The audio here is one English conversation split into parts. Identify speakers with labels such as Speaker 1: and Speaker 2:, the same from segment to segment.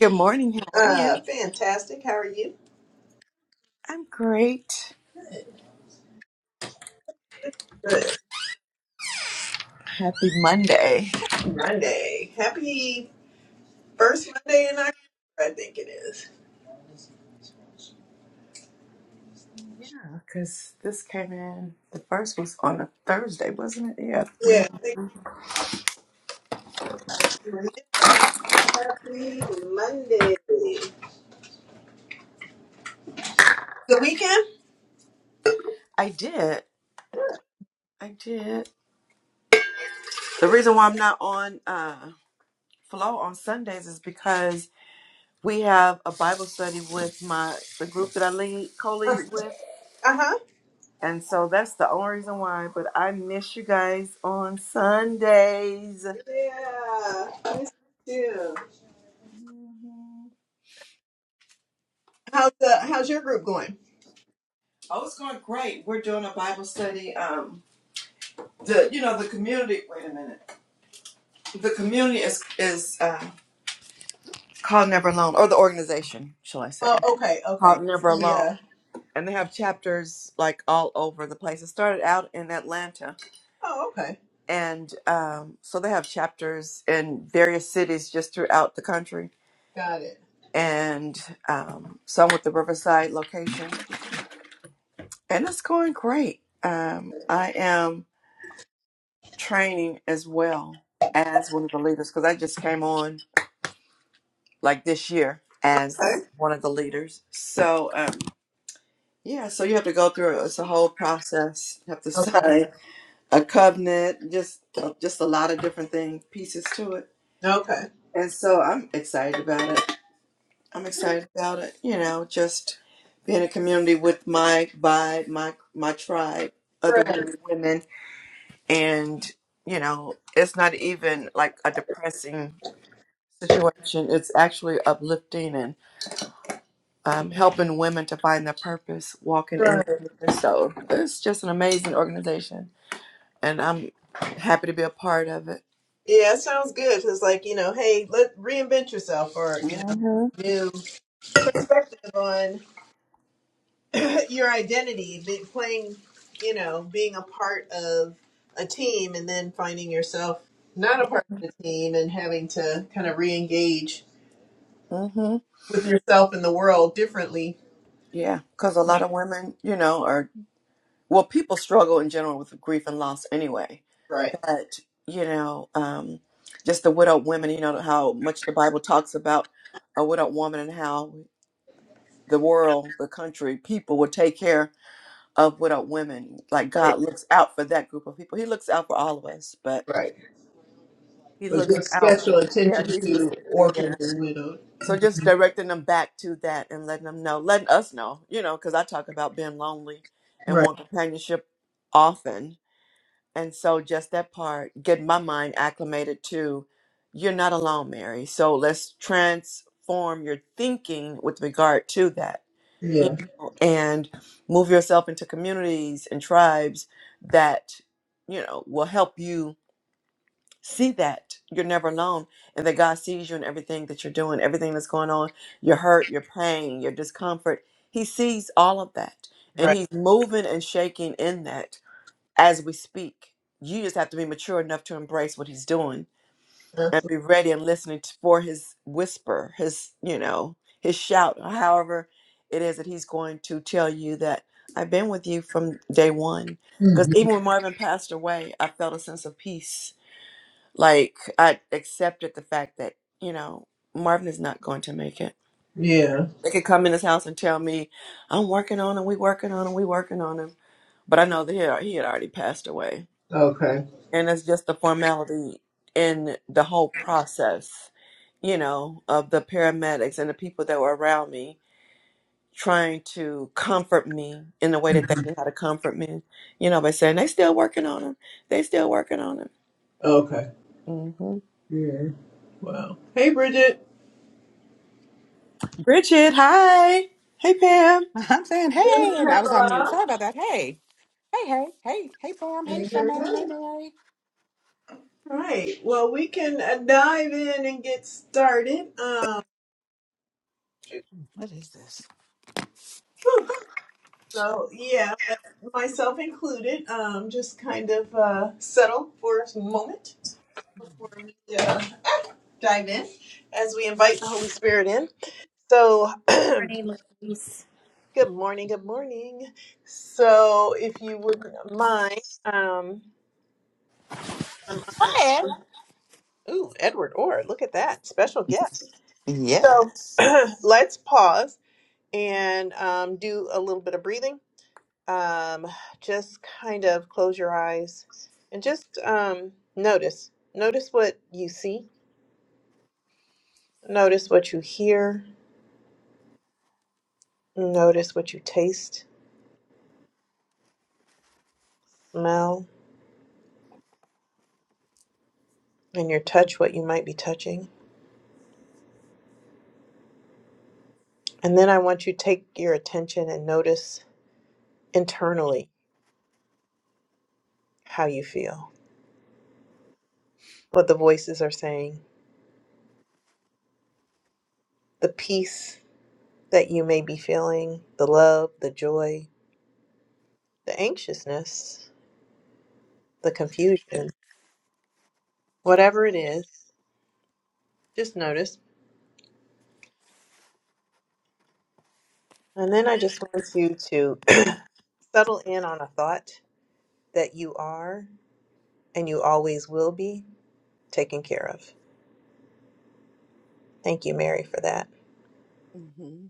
Speaker 1: Good morning. How are you? I'm great. Happy Monday. Yeah, because this came in. The first was on a Thursday, wasn't it? Yeah. when- I did. I did. The reason why I'm not on uh, Flow on Sundays is because we have a Bible study with my the group that I lead co-lead with, and so that's the only reason why. But I miss you guys on Sundays. Mhm. Oh, it's going great. We're doing a Bible study. Um, the you know the community wait a minute the community is is uh, called never alone or the organization shall i say called never alone and they have chapters like all over the place it started out in atlanta and um, so they have chapters in various cities just throughout the country and um, some with the riverside location and it's going great um, i am training as well as one of the leaders because i just came on like this year as one of the leaders. So um, yeah, so you have to go through it's a whole process. You have to sign a covenant, just uh, just a lot of different thing pieces to it. And so I'm excited about it. I'm excited about it. You know, just being a community with my by my my tribe, other women, women, and you know, it's not even like a depressing situation. It's actually uplifting and. um, helping women to find their purpose, walking in the purpose. So it's just an amazing organization, and I'm happy to be a part of it. Mhm. Mhm. Yeah, because a lot of women, you know, are well, people struggle in general with grief and loss anyway, but you know, um, just the widowed women. You know how much the Bible talks about a widowed woman and how the world, the country, people would take care of widowed women. Like God looks out for that group of people. He looks out for all of us, but He looks out. Yeah, He specifically. Yeah. So just directing them back to that and letting them know, letting us know, you know, because I talk about being lonely and want companionship often, and so just that part, getting my mind acclimated to, you're not alone, Mary. So let's transform your thinking with regard to that you know, and move yourself into communities and tribes that, you know, will help you see that you're never alone and that God sees you in everything that you're doing, everything that's going on, your hurt, your pain, your discomfort. He sees all of that. And he's moving and shaking in that as we speak. You just have to be mature enough to embrace what he's doing and be ready and listening t- for his whisper, his, you know, his shout, or however it is that he's going to tell you that I've been with you from day one. Because even when Marvin passed away, I felt a sense of peace. Like I accepted the fact that, you know, Marvin is not going to make it. They could come in his house and tell me, I'm working on him, we working on him, we working on him. But I know that he, he had already passed away and it's just the formality in the whole process, you know, of the paramedics and the people that were around me trying to comfort me in the way that they knew how to comfort me, you know, by saying they still working on him, they still working on him. hmm Bridget, hi, hey Pam.
Speaker 2: I'm saying hey, and I was on mute. Sorry about that. Hey, hey, hey, hey, hey, farm. Hey, hey, Mary. What is this?
Speaker 3: Good morning, Louise.
Speaker 2: Hi. Ed. Yeah.
Speaker 1: Mm-hmm.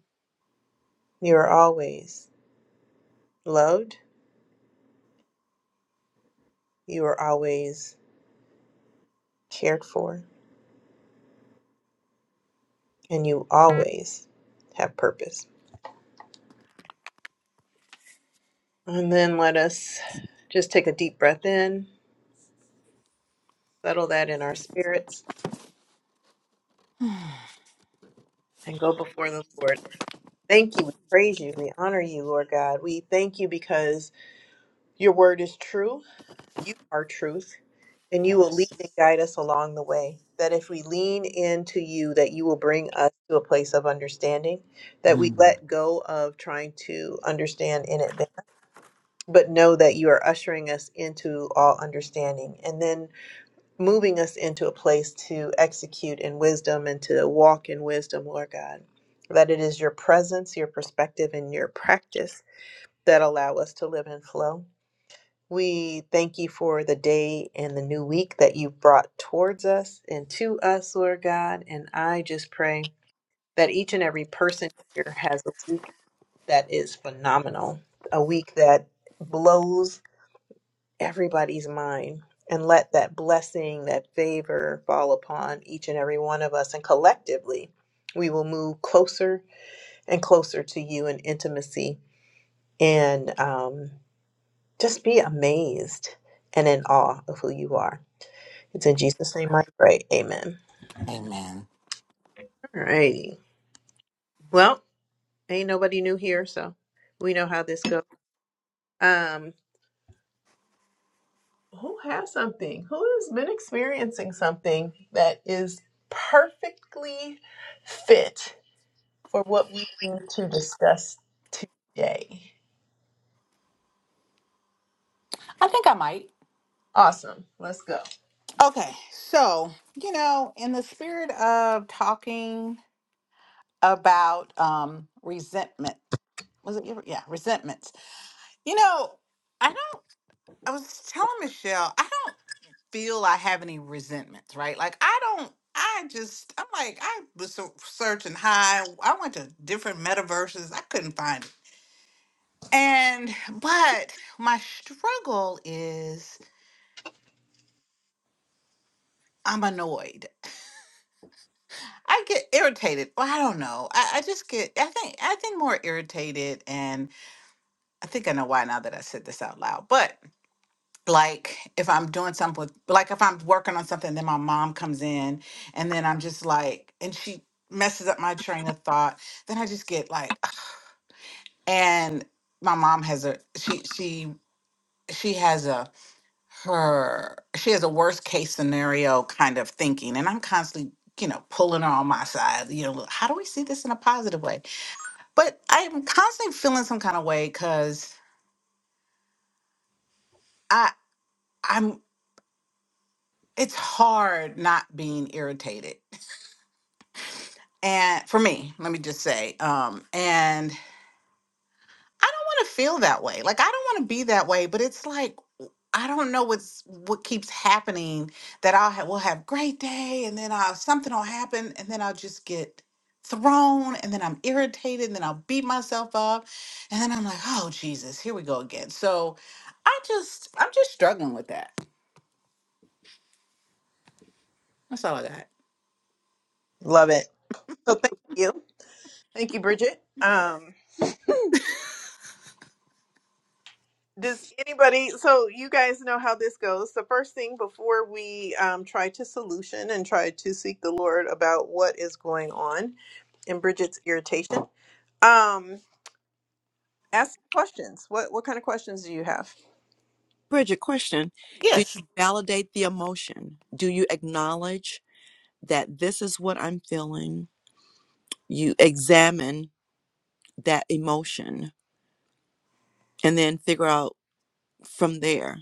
Speaker 2: Amen. I think I might. Okay, so you know, in the spirit of talking about um resentment, was it? Yeah, resentments. You know, I don't. I was telling Michelle, I don't. feel I have any resentments, right? Like I don't. I just. I'm like I was so- searching high. I went to different metaverses. I couldn't find it. And but my struggle is I'm annoyed. I get irritated. Well, I don't know. I, I just get. I think. I think more irritated, and I think I know why now that I said this out loud. But. like if I'm doing something with like if I'm working on something, then my mom comes in and then I'm just like and she messes up my train of thought, then I just get like and my mom has a she she she has a her she has a worst case scenario kind of thinking and I'm constantly you know pulling her on my side you know how do we see this in a positive way but I'm constantly feeling some kind of way cuz I I'm it's hard not being irritated and for me let me just say um and i don't want to feel that way like i don't want to be that way but it's like i don't know what's what keeps happening that i'll have we'll have great day and then i'll something will happen and then i'll just get thrown and then i'm irritated and then i'll beat myself up and then i'm like oh jesus here we go again so i just i'm just struggling with that that's all i got
Speaker 1: Bridget, question. Do
Speaker 2: yes
Speaker 1: you validate the emotion? Do you acknowledge that this is what I'm feeling? You examine that emotion and then figure out from there,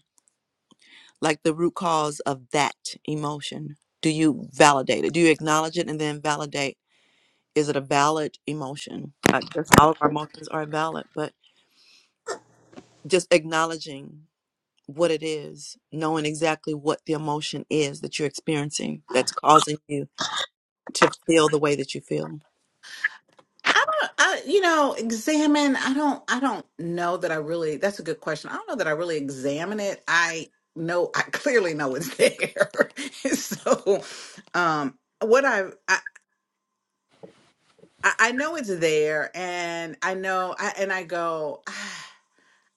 Speaker 1: like the root cause of that emotion. Do you validate it? Do you acknowledge it and then validate? Is it a valid emotion? I guess all of our emotions are valid, but just acknowledging what it is, knowing exactly what the emotion is that you're experiencing that's causing you to feel the way that you feel.
Speaker 2: I don't, I, you know, examine. I don't, I don't know that I really, that's a good question. I don't know that I really examine it. I know, I clearly know it's there. so, um, what I, I, I I know it's there and I know, I, and I go, "Ah,"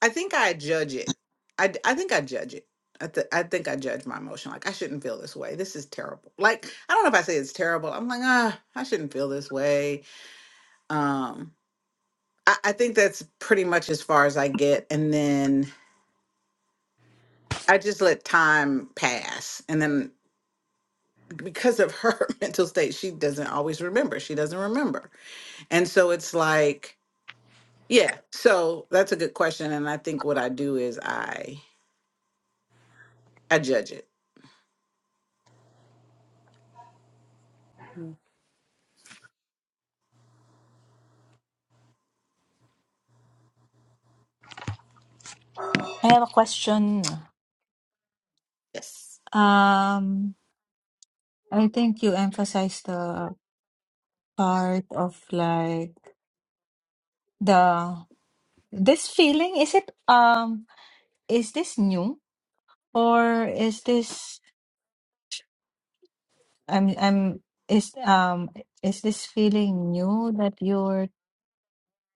Speaker 2: I think I judge it. I, d- I think I judge it. I, th- I think I judge my emotion. Like, I shouldn't feel this way. This is terrible. Like, I don't know if I say it's terrible. I'm like, ah, I shouldn't feel this way. Um, I, I think that's pretty much as far as I get. And then I just let time pass. And then because of her mental state, she doesn't always remember. She doesn't remember. And so it's like, yeah. So that's a good question. And I think what I do is I I judge it.
Speaker 1: Mm.
Speaker 4: I have a question.
Speaker 2: Yes.
Speaker 4: Um, I think you emphasize the part of like the this feeling. Is it um is this new or is this I'm I'm is um is this feeling new that you're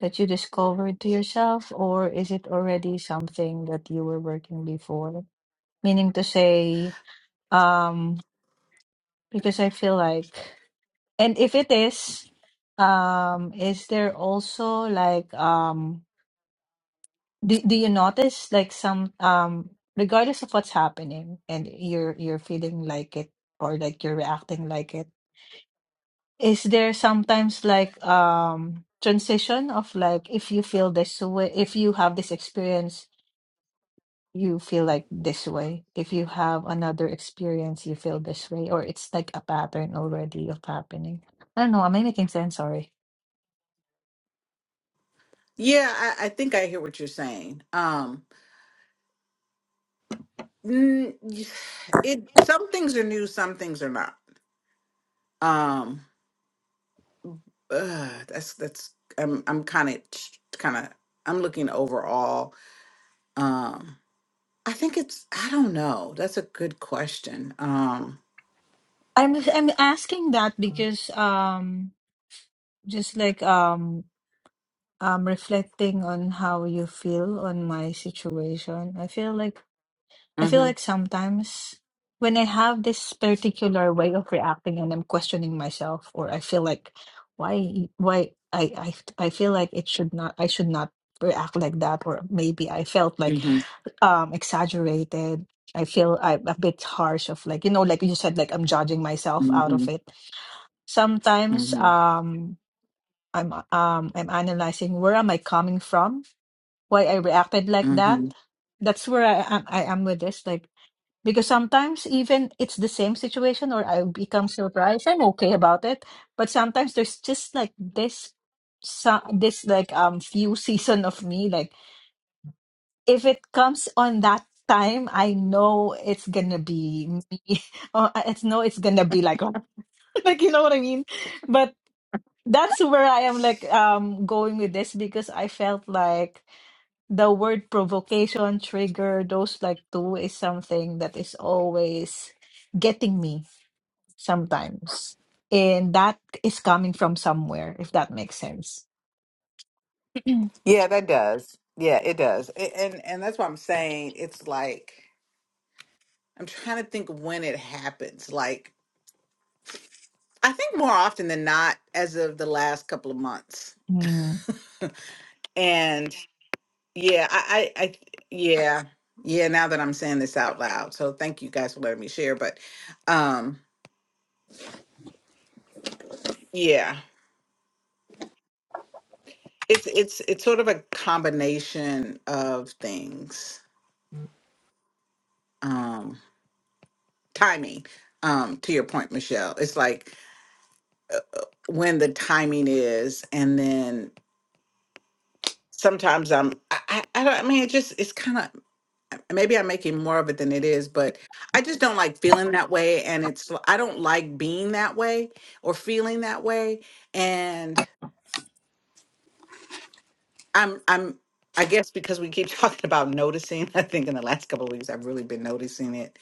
Speaker 4: that you discovered to yourself or is it already something that you were working before? Meaning to say, um, because I feel like And if it is, um, is there also like um do do you notice like some um regardless of what's happening and you're you're feeling like it or like you're reacting like it, is there sometimes like um transition of like if you feel this way, if you have this experience, you feel like this way. If you have another experience, you feel this way, or it's like a pattern already of happening. I don't know, am I making sense? Sorry.
Speaker 2: Yeah, I, I think I hear what you're saying. Um n- it some things are new, some things are not. Um uh, that's that's I'm I'm kind of kind of I'm looking overall. Um, I think it's I don't know. That's a good question. Um,
Speaker 4: I'm I'm asking that because um just like um I'm reflecting on how you feel on my situation. I feel like I
Speaker 2: hmm
Speaker 4: feel like sometimes when I have this particular way of reacting and I'm questioning myself or I feel like why why I I I feel like it should not I should not react like that or maybe I felt like
Speaker 2: hmm
Speaker 4: um exaggerated. I feel I'm a bit harsh of like you know like you said like I'm judging myself out of
Speaker 2: hmm
Speaker 4: it sometimes
Speaker 2: hmm
Speaker 4: um i'm um i'm analyzing where am i coming from why i reacted like that
Speaker 2: hmm
Speaker 4: that's where i am i am with this like because sometimes even it's the same situation or i become surprised i'm okay about it but sometimes there's just like this so, this like um few season of me like if it comes on that time i know it's gonna be me or it's no it's gonna be like like you know what i mean but that's where I am like um going with this because I felt like the word provocation, trigger, those like two is something that is always getting me sometimes. And that is coming from somewhere, if that makes sense.
Speaker 2: Yeah, that does. Yeah, it does. A- and and that's what I'm saying. It's like I'm trying to think when it happens. Like I think more often than not, as of the last couple of months.
Speaker 4: Mm.
Speaker 2: and. Yeah, I, I, I, yeah, yeah. Now that I'm saying this out loud, so thank you guys for letting me share. But, um, yeah, it's it's it's sort of a combination of things. Um, timing. Um, to your point, Michelle, it's like when the timing is, and then sometimes I'm. I, I, I don't. I mean, it just it's kind of. and maybe I'm making more of it than it is, but I just don't like feeling that way. And it's, I don't like being that way or feeling that way. And I'm, I'm, I guess because we keep talking about noticing, I think in the last couple of weeks, I've really been noticing it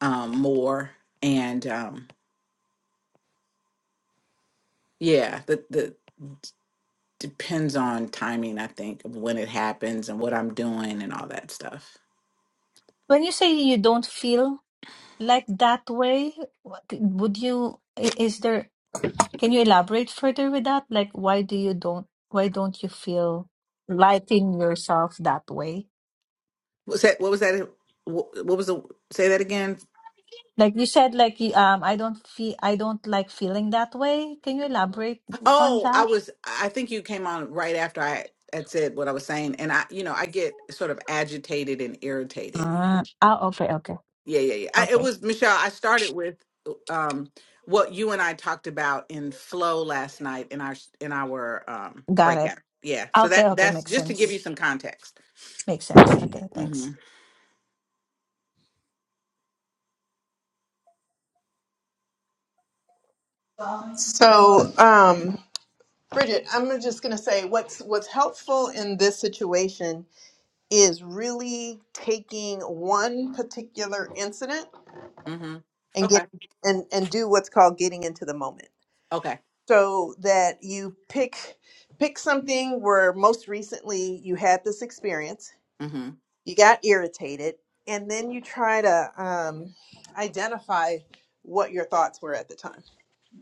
Speaker 2: um, more. And um, yeah, the, the, depends on timing, I think, of when it happens and what I'm doing and all that stuff.
Speaker 4: When you say you don't feel like that way, what- would you, i- is there, can you elaborate further with that? Like, why do you don't, why don't you feel liking yourself that way?
Speaker 2: What's that, what was that? What, what was the, say that again?
Speaker 4: Like you said, like you- um, I don't feel I don't like feeling that way. Can you elaborate on
Speaker 2: Oh, I
Speaker 4: that?
Speaker 2: was, I think you came on right after I had said what I was saying. And I, you know, I get sort of agitated and irritated.
Speaker 4: Ah, ah, okay, okay,
Speaker 2: Yeah, yeah, yeah. I, it
Speaker 4: okay,
Speaker 2: was, Michelle, I started with uh, um, what you and I talked about in flow last night in our, in our um,
Speaker 4: got it.
Speaker 2: breakout. Yeah. So that,
Speaker 4: Okay, okay,
Speaker 2: that's
Speaker 4: makes
Speaker 2: just to give you
Speaker 4: sense.
Speaker 2: some context.
Speaker 4: Makes sense. Okay,
Speaker 2: Mm-hmm.
Speaker 4: thanks.
Speaker 2: Mm-hmm. Okay. Mm-hmm.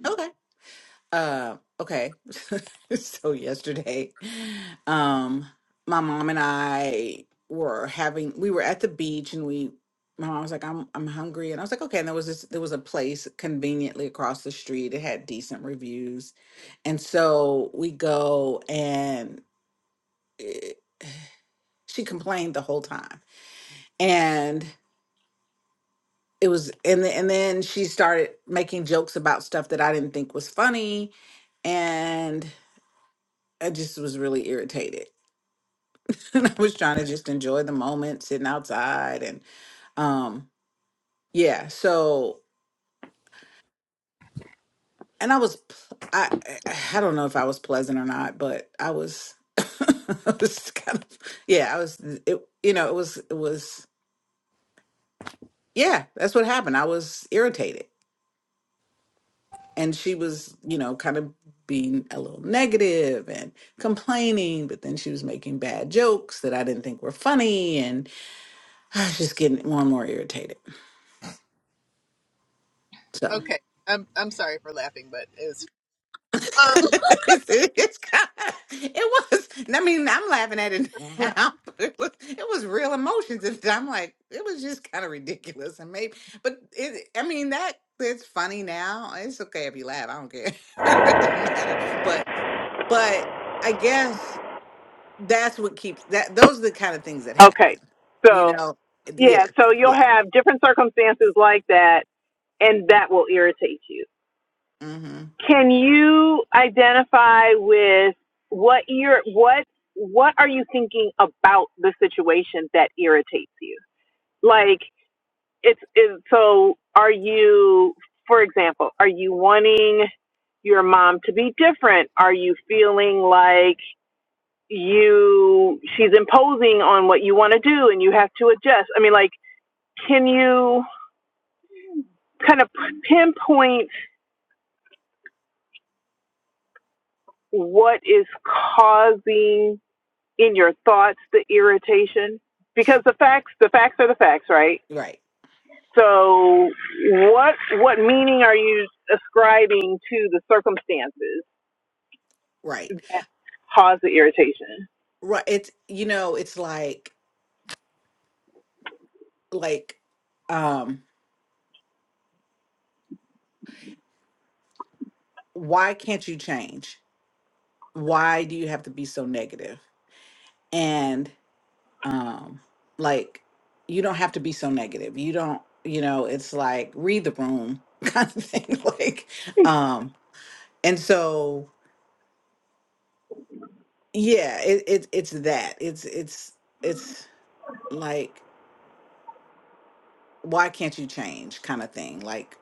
Speaker 2: Okay. Uh, okay. So yesterday, um, my mom and I were having we were at the beach and we my mom was like, I'm I'm hungry. And I was like, okay. And there was this there was a place conveniently across the street. It had decent reviews. And so we go and eh, she complained the whole time. And it was and the, and then she started making jokes about stuff that I didn't think was funny. And I just was really irritated and I was trying to just enjoy the moment sitting outside and um yeah so and I was pl- I I I don't know if I was pleasant or not but I was I was kind of yeah I was it you know it was it was yeah that's what happened I was irritated and she was you know kind of being a little negative and complaining but then she was making bad jokes that I didn't think were funny and I was just getting more and more irritated so It's kind of, it was. I mean, I'm laughing at it now, but it was it was real emotions, and I'm like, it was just kind of ridiculous, and maybe, but it. I mean, that it's funny now. It's okay if you laugh. I don't care. But I guess that's what keeps that. Those are the kind of things that happen.
Speaker 5: Okay.
Speaker 2: You
Speaker 5: So,
Speaker 2: know, the-
Speaker 5: yeah, so you'll have different circumstances like that, and that will irritate you.
Speaker 2: hmm
Speaker 5: Can you identify with what you're, what, what are you thinking about the situation that irritates you? Like, it's, it's so are you, for example, are you wanting your mom to be different? Are you feeling like you, she's imposing on what you want to do and you have to adjust? I mean, like, Can you kind of pinpoint what is causing in your thoughts the irritation? Because the facts, the facts are the facts, right?
Speaker 2: right,
Speaker 5: So what what meaning are you ascribing to the circumstances
Speaker 2: right,
Speaker 5: that cause the irritation?
Speaker 2: right. It's you know, it's like like, um, why can't you change? Why do you have to be so negative? And um like you don't have to be so negative you don't you know it's like read the room kind of thing like um and so yeah it, it it's that it's it's it's like why can't you change kind of thing like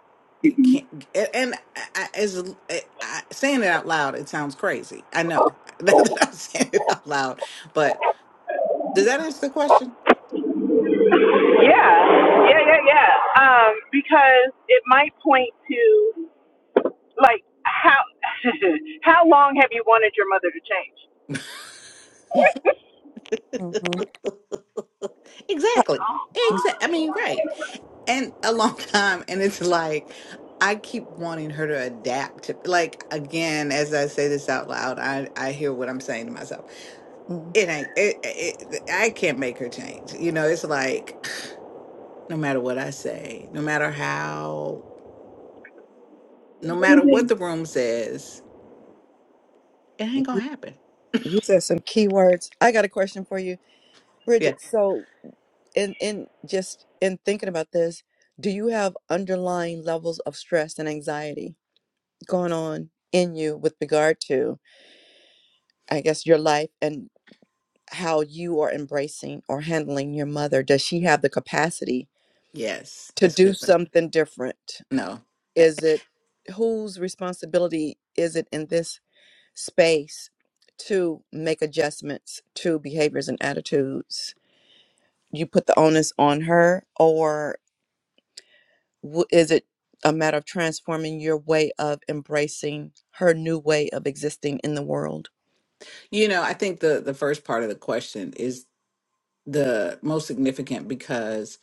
Speaker 5: Yeah,
Speaker 2: a- and I, I- as l- I, I- saying it out loud it sounds crazy i know now that i'm saying it out loud but does that answer the question
Speaker 5: yeah, yeah, yeah. Um, because it might point to like how how long have you wanted your mother to change,
Speaker 1: Mhm.
Speaker 2: exactly exactly i mean right and a long time and it's like I keep wanting her to adapt to like again as I say this out loud I I hear what I'm saying to myself
Speaker 1: Mm.
Speaker 2: it ain't it, it I can't make her change you know it's like no matter what I say no matter how no matter what the room says it ain't gonna
Speaker 1: You
Speaker 2: happen
Speaker 1: you said some key words. I got a question for you,
Speaker 2: yeah
Speaker 1: Bridget. So, in in just in thinking about this, do you have underlying levels of stress and anxiety going on in you with regard to, I guess, your life and how you are embracing or handling your mother? Does she have the capacity
Speaker 2: yes
Speaker 1: to
Speaker 2: that's a
Speaker 1: do
Speaker 2: good question
Speaker 1: something different?
Speaker 2: no Eh,
Speaker 1: Is it whose responsibility is it in this space to make adjustments to behaviors and attitudes? You put the onus on her, or w- is it a matter of transforming your way of embracing her new way of existing in the world?
Speaker 2: you know I think the the first part of the question is the most significant because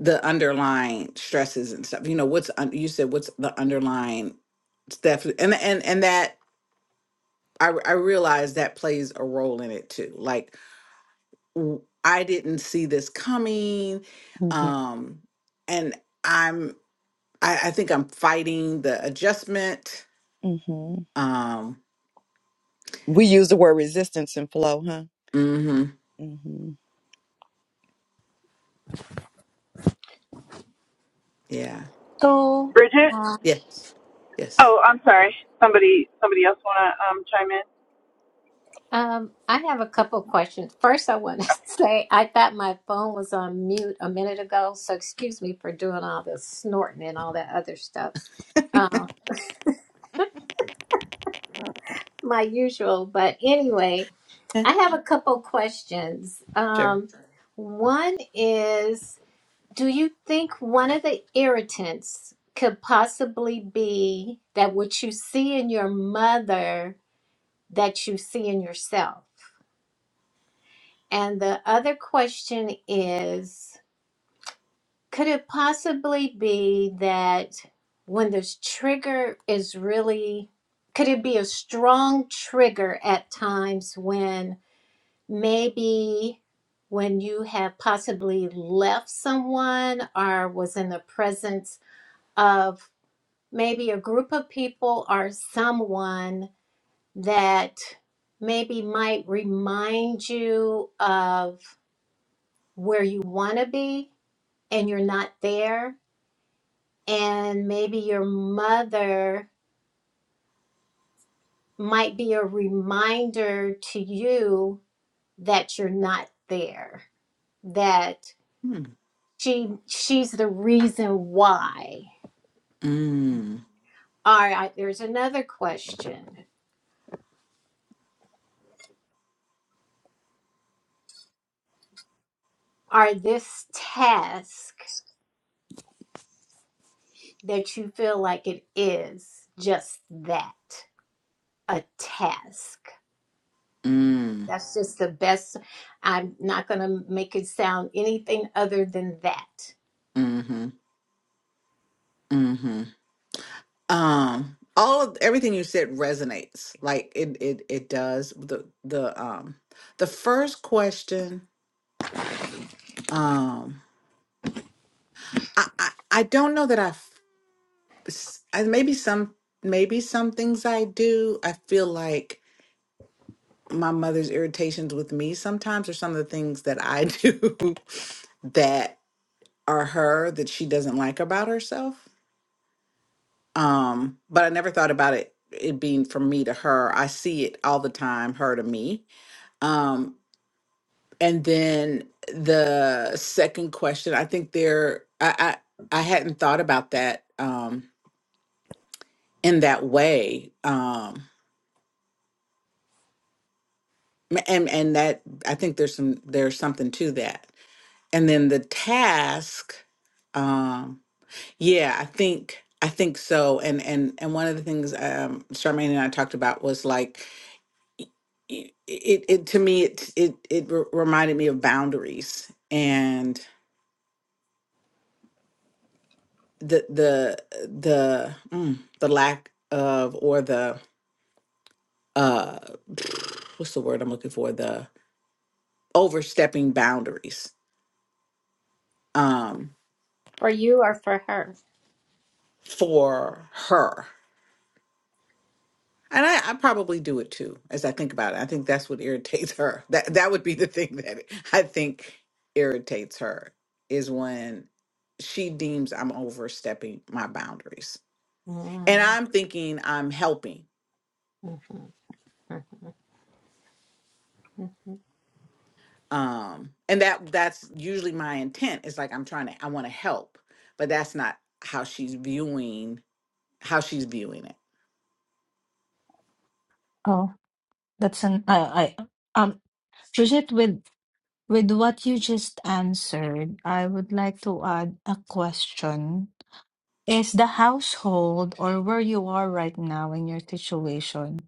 Speaker 2: the underlying stresses and stuff you know what's un- you said what's the underlying It's definitely and and and that I I realize that plays a role in it too. Like w- I didn't see this coming,
Speaker 1: hmm
Speaker 2: um, and I'm I, I think I'm fighting the adjustment.
Speaker 1: hmm
Speaker 2: Um,
Speaker 1: We use the word resistance and flow, huh?
Speaker 2: hmm
Speaker 1: hmm
Speaker 2: yeah,
Speaker 4: So,
Speaker 5: Bridget?
Speaker 3: Uh,
Speaker 2: yes, yes,
Speaker 5: Oh, I'm sorry. Somebody, somebody else wanna um chime
Speaker 3: um, I have a couple of questions. First, I want to say I thought my phone was on mute a minute ago, so excuse me for doing all the snorting and all that other stuff. Uh, my usual, but anyway,
Speaker 2: yeah,
Speaker 3: I have a couple of questions.
Speaker 2: sure.
Speaker 3: Um, one is, do you think one of the irritants could possibly be that what you see in your mother that you see in yourself? And the other question is could it possibly be that when this trigger is really, could it be a strong trigger at times when maybe when you have possibly left someone or was in the presence of maybe a group of people or someone that maybe might remind you of where you want to be and you're not there and maybe your mother might be a reminder to you that you're not there that
Speaker 2: Mm,
Speaker 3: she she's the reason why
Speaker 2: mm,
Speaker 3: all right there's another question are this task that you feel like it is just that a task
Speaker 2: mm,
Speaker 3: that's just the best i'm not going to make it sound anything other than that
Speaker 2: mm-hmm, mm-hmm. Um, all of everything you said resonates. Like it, it, it does. The the um the first question um I, I i don't know that i f- s- I- maybe some maybe some things i do i feel like my mother's irritations with me sometimes are some of the things that i do that are her that she doesn't like about herself um but i never thought about it it being from me to her i see it all the time her to me um and then the second question i think there i i, I hadn't thought about that Um. in that way um and and that i think there's some there's something to that and then the task um yeah i think i think so and and and one of the things um charmaine and i talked about was like y- it it to me it it it re- reminded me of boundaries and the the the mm, the lack of or the uh what's the word i'm looking for the overstepping boundaries um,
Speaker 3: For you or for her?
Speaker 2: for her. And I, I probably do it too, as I think about it. I think that's what irritates her. That that would be the thing that I think irritates her is when she deems I'm overstepping my boundaries. And
Speaker 3: Mm,
Speaker 2: I'm thinking I'm helping.
Speaker 3: mhm. mhm.
Speaker 2: Um, and that that's usually my intent. It's like I'm trying to I want to help, but that's not how she's viewing how she's viewing it.
Speaker 4: oh, that's an I I um Bridget with with what you just answered, I would like to add a question. Is the household or where you are right now in your situation?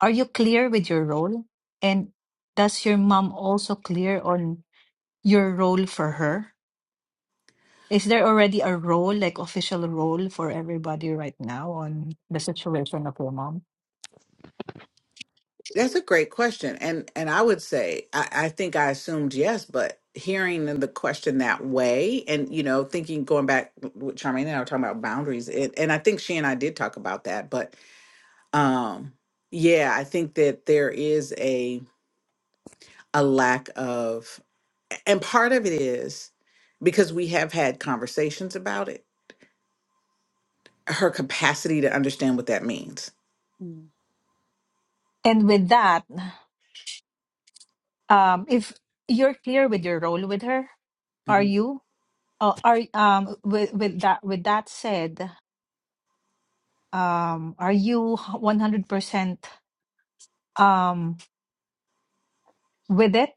Speaker 4: Are you clear with your role? And does your mom also clear on your role for her? Is there already a role, like official role for everybody right now on the situation of your mom?
Speaker 2: That's a great question. And and I would say I, I think I assumed yes, but hearing the question that way and you know, thinking going back with Charmaine and I were talking about boundaries it, and I think she and I did talk about that, but um yeah, I think that there is a a lack of and part of it is because we have had conversations about it, her capacity to understand what that means.
Speaker 4: And with that, um, if you're clear with your role with her, are
Speaker 2: hmm
Speaker 4: you? Uh, are um with with that with that said? um are you 100% um with it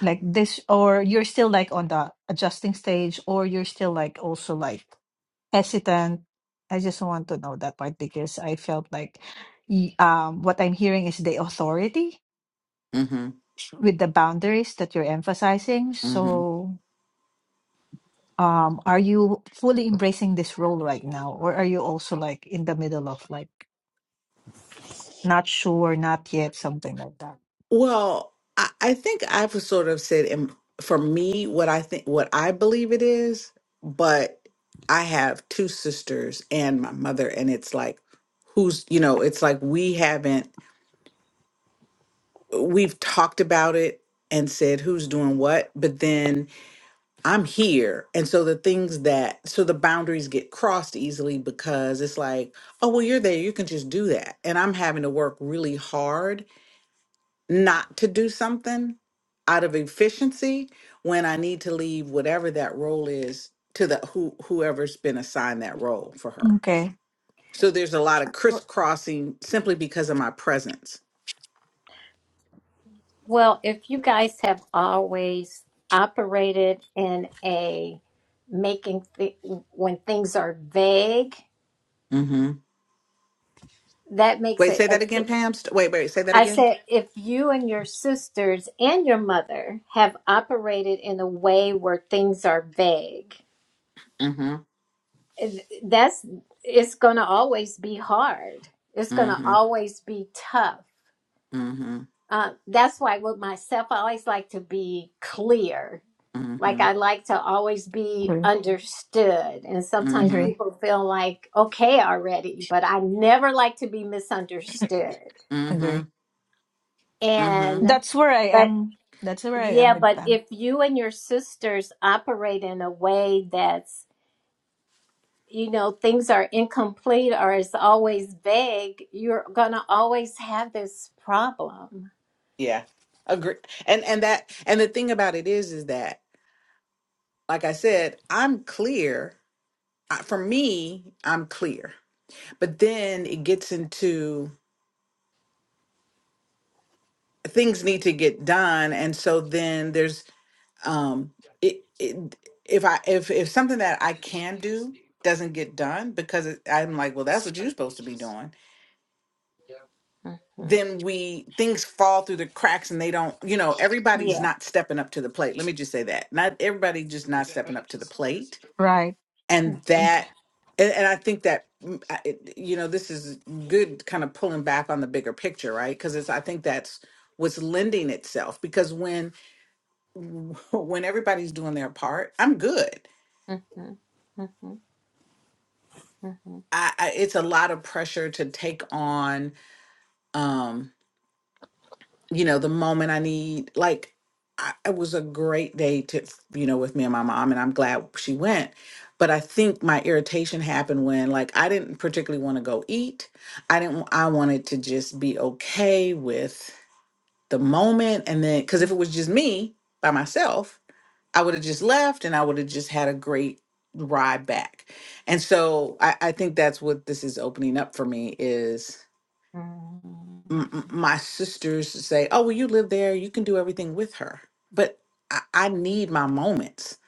Speaker 4: like this or you're still like on the adjusting stage or you're still like also like hesitant i just want to know that part because i felt like y- um what i'm hearing is the authority
Speaker 2: hmm
Speaker 4: with the boundaries that you're emphasizing
Speaker 2: hmm
Speaker 4: so um are you fully embracing this role right now or are you also like in the middle of like Not sure, not yet, something like that.
Speaker 2: Well, I, I think I've sort of said in, for me what I think what I believe it is, but I have two sisters and my mother, and it's like who's you know, it's like we haven't we've talked about it and said who's doing what, but then I'm here. And so the things that so the boundaries get crossed easily because it's like, oh well you're there, you can just do that. And I'm having to work really hard not to do something out of efficiency when I need to leave whatever that role is to the who whoever's been assigned that role for her.
Speaker 4: Okay,
Speaker 2: So there's a lot of crisscrossing simply because of my presence.
Speaker 3: Well, if you guys have always operated in a making th- when things are vague,
Speaker 2: Mm-hmm.
Speaker 3: that makes
Speaker 2: Wait,
Speaker 3: it.
Speaker 2: say that again, Pam. St- Wait, wait, say that
Speaker 3: I
Speaker 2: again.
Speaker 3: said, if you and your sisters and your mother have operated in a way where things are vague,
Speaker 2: Mm-hmm.
Speaker 3: that's it's going to always be hard. It's going to
Speaker 2: Mm-hmm.
Speaker 3: always be tough
Speaker 2: Mm-hmm.
Speaker 3: Uh, that's why with myself, I always like to be clear. Like
Speaker 2: Mm-hmm.
Speaker 3: I like to always be
Speaker 4: agree,
Speaker 3: understood. And sometimes
Speaker 2: Mm-hmm.
Speaker 4: agree,
Speaker 3: people feel like, okay, already, but I never like to be misunderstood.
Speaker 2: Mm-hmm.
Speaker 4: agree.
Speaker 2: Mm-hmm.
Speaker 3: And,
Speaker 4: That's where I
Speaker 3: but
Speaker 4: am. That's where I am
Speaker 3: yeah,
Speaker 4: with
Speaker 3: but
Speaker 4: Pam.
Speaker 3: if you and your sisters operate in a way that's, you know, things are incomplete or it's always vague, you're going to always have this problem.
Speaker 2: Yeah. Agree. And and that and the thing about it is is that, like I said, I'm clear. I- For me, I'm clear but then it gets into things need to get done and so then there's um it, it if i if if something that i can do doesn't get done because it, i'm like well that's what you're supposed to be doing
Speaker 3: Mhm,
Speaker 2: then we things fall through the cracks and they don't you know everybody's
Speaker 3: Yeah.
Speaker 2: not stepping up to the plate let me just say that not everybody just not stepping up to the plate
Speaker 4: Right.
Speaker 2: and
Speaker 3: mhm,
Speaker 4: Okay.
Speaker 2: that and, and i think that mm, I- it- you know this is good kind of pulling back on the bigger picture right because it's i think that's what's lending itself because when when everybody's doing their part i'm good
Speaker 3: mhm, mhm. Mhm.
Speaker 2: I, I it's a lot of pressure to take on um you know, the moment I need, like, I, it was a great day to, you know, with me and my mom, and I'm glad she went. But I think my irritation happened when, like, I didn't particularly want to go eat. I didn't, I wanted to just be okay with the moment. And then, because if it was just me by myself, I would have just left and I would have just had a great ride back. And so I, I think that's what this is opening up for me is m-
Speaker 3: Mhm.
Speaker 2: m- my sisters say, "Oh, well, you live there. You can do everything with her." But I, I need my moments.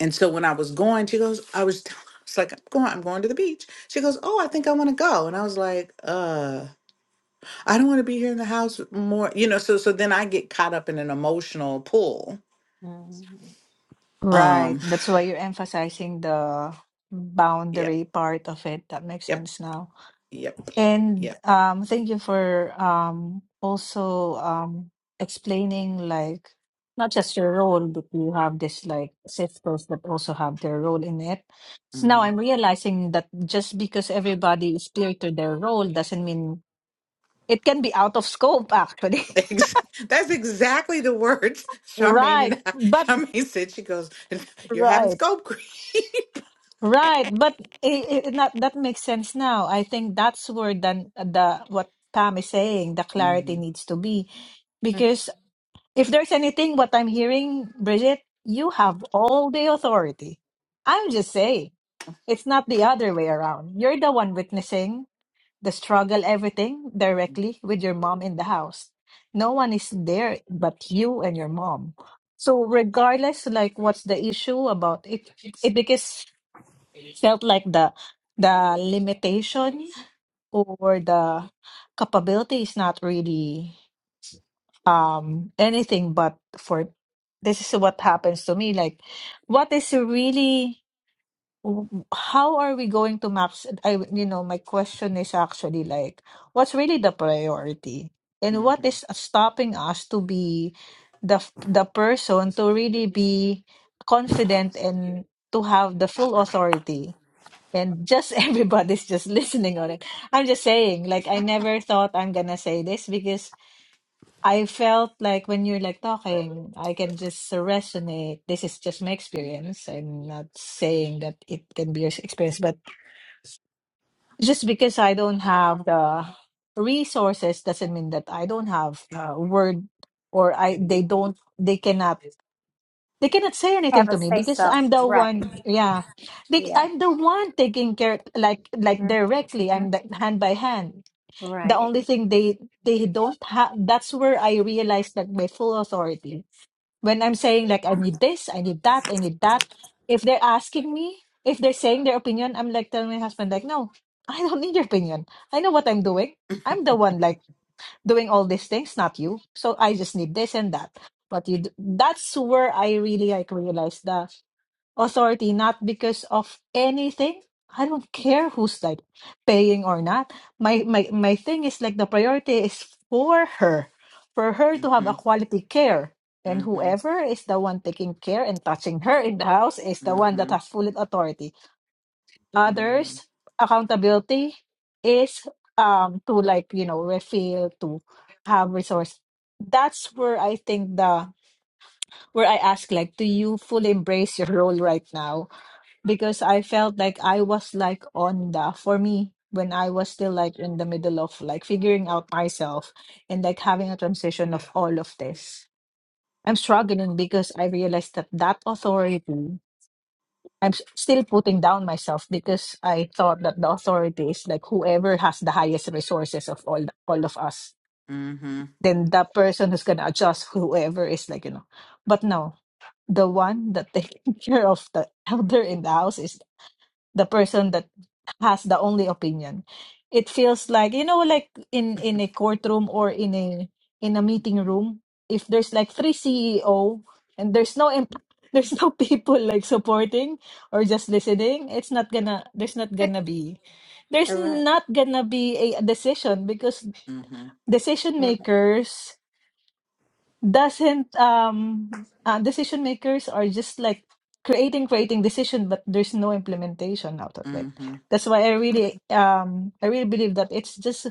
Speaker 2: And so when I was going, she goes, "I was." telling I was like, "I'm going. I'm going to the beach." She goes, "Oh, I think I want to go." And I was like, "Uh, I don't want to be here in the house more." You know. So so then I get caught up in an emotional pull.
Speaker 3: Mhm.
Speaker 4: Right.
Speaker 2: Um.
Speaker 4: That's why you're emphasizing the
Speaker 2: Yep.
Speaker 4: boundary part of it. That makes
Speaker 2: Yep.
Speaker 4: sense now.
Speaker 2: Yep.
Speaker 4: And
Speaker 2: Yep.
Speaker 4: um, thank you for um, also um, explaining like not just your role, but you have this like sisters that also have their role in it. So now
Speaker 2: hmm
Speaker 4: I'm realizing that just because everybody is clear to their role doesn't mean it can be out of scope actually.
Speaker 2: Ex- That's exactly the words Charmaine
Speaker 4: Right,
Speaker 2: and I,
Speaker 4: but
Speaker 2: Charmaine said. She goes, "You're having
Speaker 4: right,
Speaker 2: scope creep."
Speaker 4: right, but it, it, not, that makes sense now. I think that's where then the what Pam is saying, the
Speaker 2: Mm-hmm.
Speaker 4: clarity needs to be. If there's anything what I'm hearing, Bridget, you have all the authority. I'm just saying, it's not the other way around. You're the one witnessing the struggle, everything directly with your mom in the house. No one is there but you and your mom. So regardless, like what's the issue about it? It because felt like the the limitation or the capability is not really um anything but for this is what happens to me like what is really how are we going to max I you know my question is actually like what's really the priority and what
Speaker 2: Mm-hmm.
Speaker 4: is stopping us to be the the person to really be confident and to have the full authority and just everybody's just listening on it i'm just saying like i never thought i'm gonna say this because I felt like when you're like talking, I can just resonate. This is just my experience. I'm not saying that it can be your experience, but just because I don't have the resources doesn't mean that I don't have a word or I they don't they cannot they cannot say anything
Speaker 3: Have
Speaker 4: to
Speaker 3: us
Speaker 4: me
Speaker 3: say
Speaker 4: because
Speaker 3: so.
Speaker 4: I'm the
Speaker 3: Right.
Speaker 4: one yeah they,
Speaker 3: Yeah.
Speaker 4: I'm the one taking care like like
Speaker 3: Mhm.
Speaker 4: directly
Speaker 3: Mhm.
Speaker 4: I'm the hand by hand the
Speaker 3: Right.
Speaker 4: only thing they they don't have that's where I realized that my full authority when I'm saying like I need this, I need that, I need that. If they're asking me, if they're saying their opinion, I'm like telling my husband like, no, I don't need your opinion. I know what I'm doing. I'm the one like doing all these things, not you. So I just need this and that. But you, d- that's where I really like realized that authority not because of anything i don't care who's like paying or not my my my thing is like the priority is for her for her to have
Speaker 2: Mm-hmm.
Speaker 4: a quality care and
Speaker 2: Mm-hmm.
Speaker 4: whoever is the one taking care and touching her in the house is the one that
Speaker 2: Mm-hmm.
Speaker 4: has full authority
Speaker 2: Mm-hmm.
Speaker 4: others accountability is um to like you know refill to have resource that's where i think the where i ask like do you fully embrace your role right now because I felt like I was like on the for me when I was still like in the middle of like figuring out myself and like having a transition of all of this. I'm struggling because I realized that that authority I'm s- still putting down myself because I thought that the authority is like whoever has the highest resources of all all of us.
Speaker 2: Mm-hmm.
Speaker 4: Then the person who's gonna adjust whoever is like you know, but no, the one that taking care of the elder in the house is the person that has the only opinion it feels like you know like in in a courtroom or in a in a meeting room if there's like three ceo and there's no em- there's no people like supporting or just listening it's not gonna there's not gonna be there's
Speaker 3: All right.
Speaker 4: not gonna be a decision because
Speaker 2: Mm-hmm.
Speaker 4: decision
Speaker 3: Yeah.
Speaker 4: makers doesn't um uh, decision makers are just like creating creating decision but there's no implementation out of it
Speaker 2: Mm-hmm.
Speaker 4: that's why i really um i really believe that it's just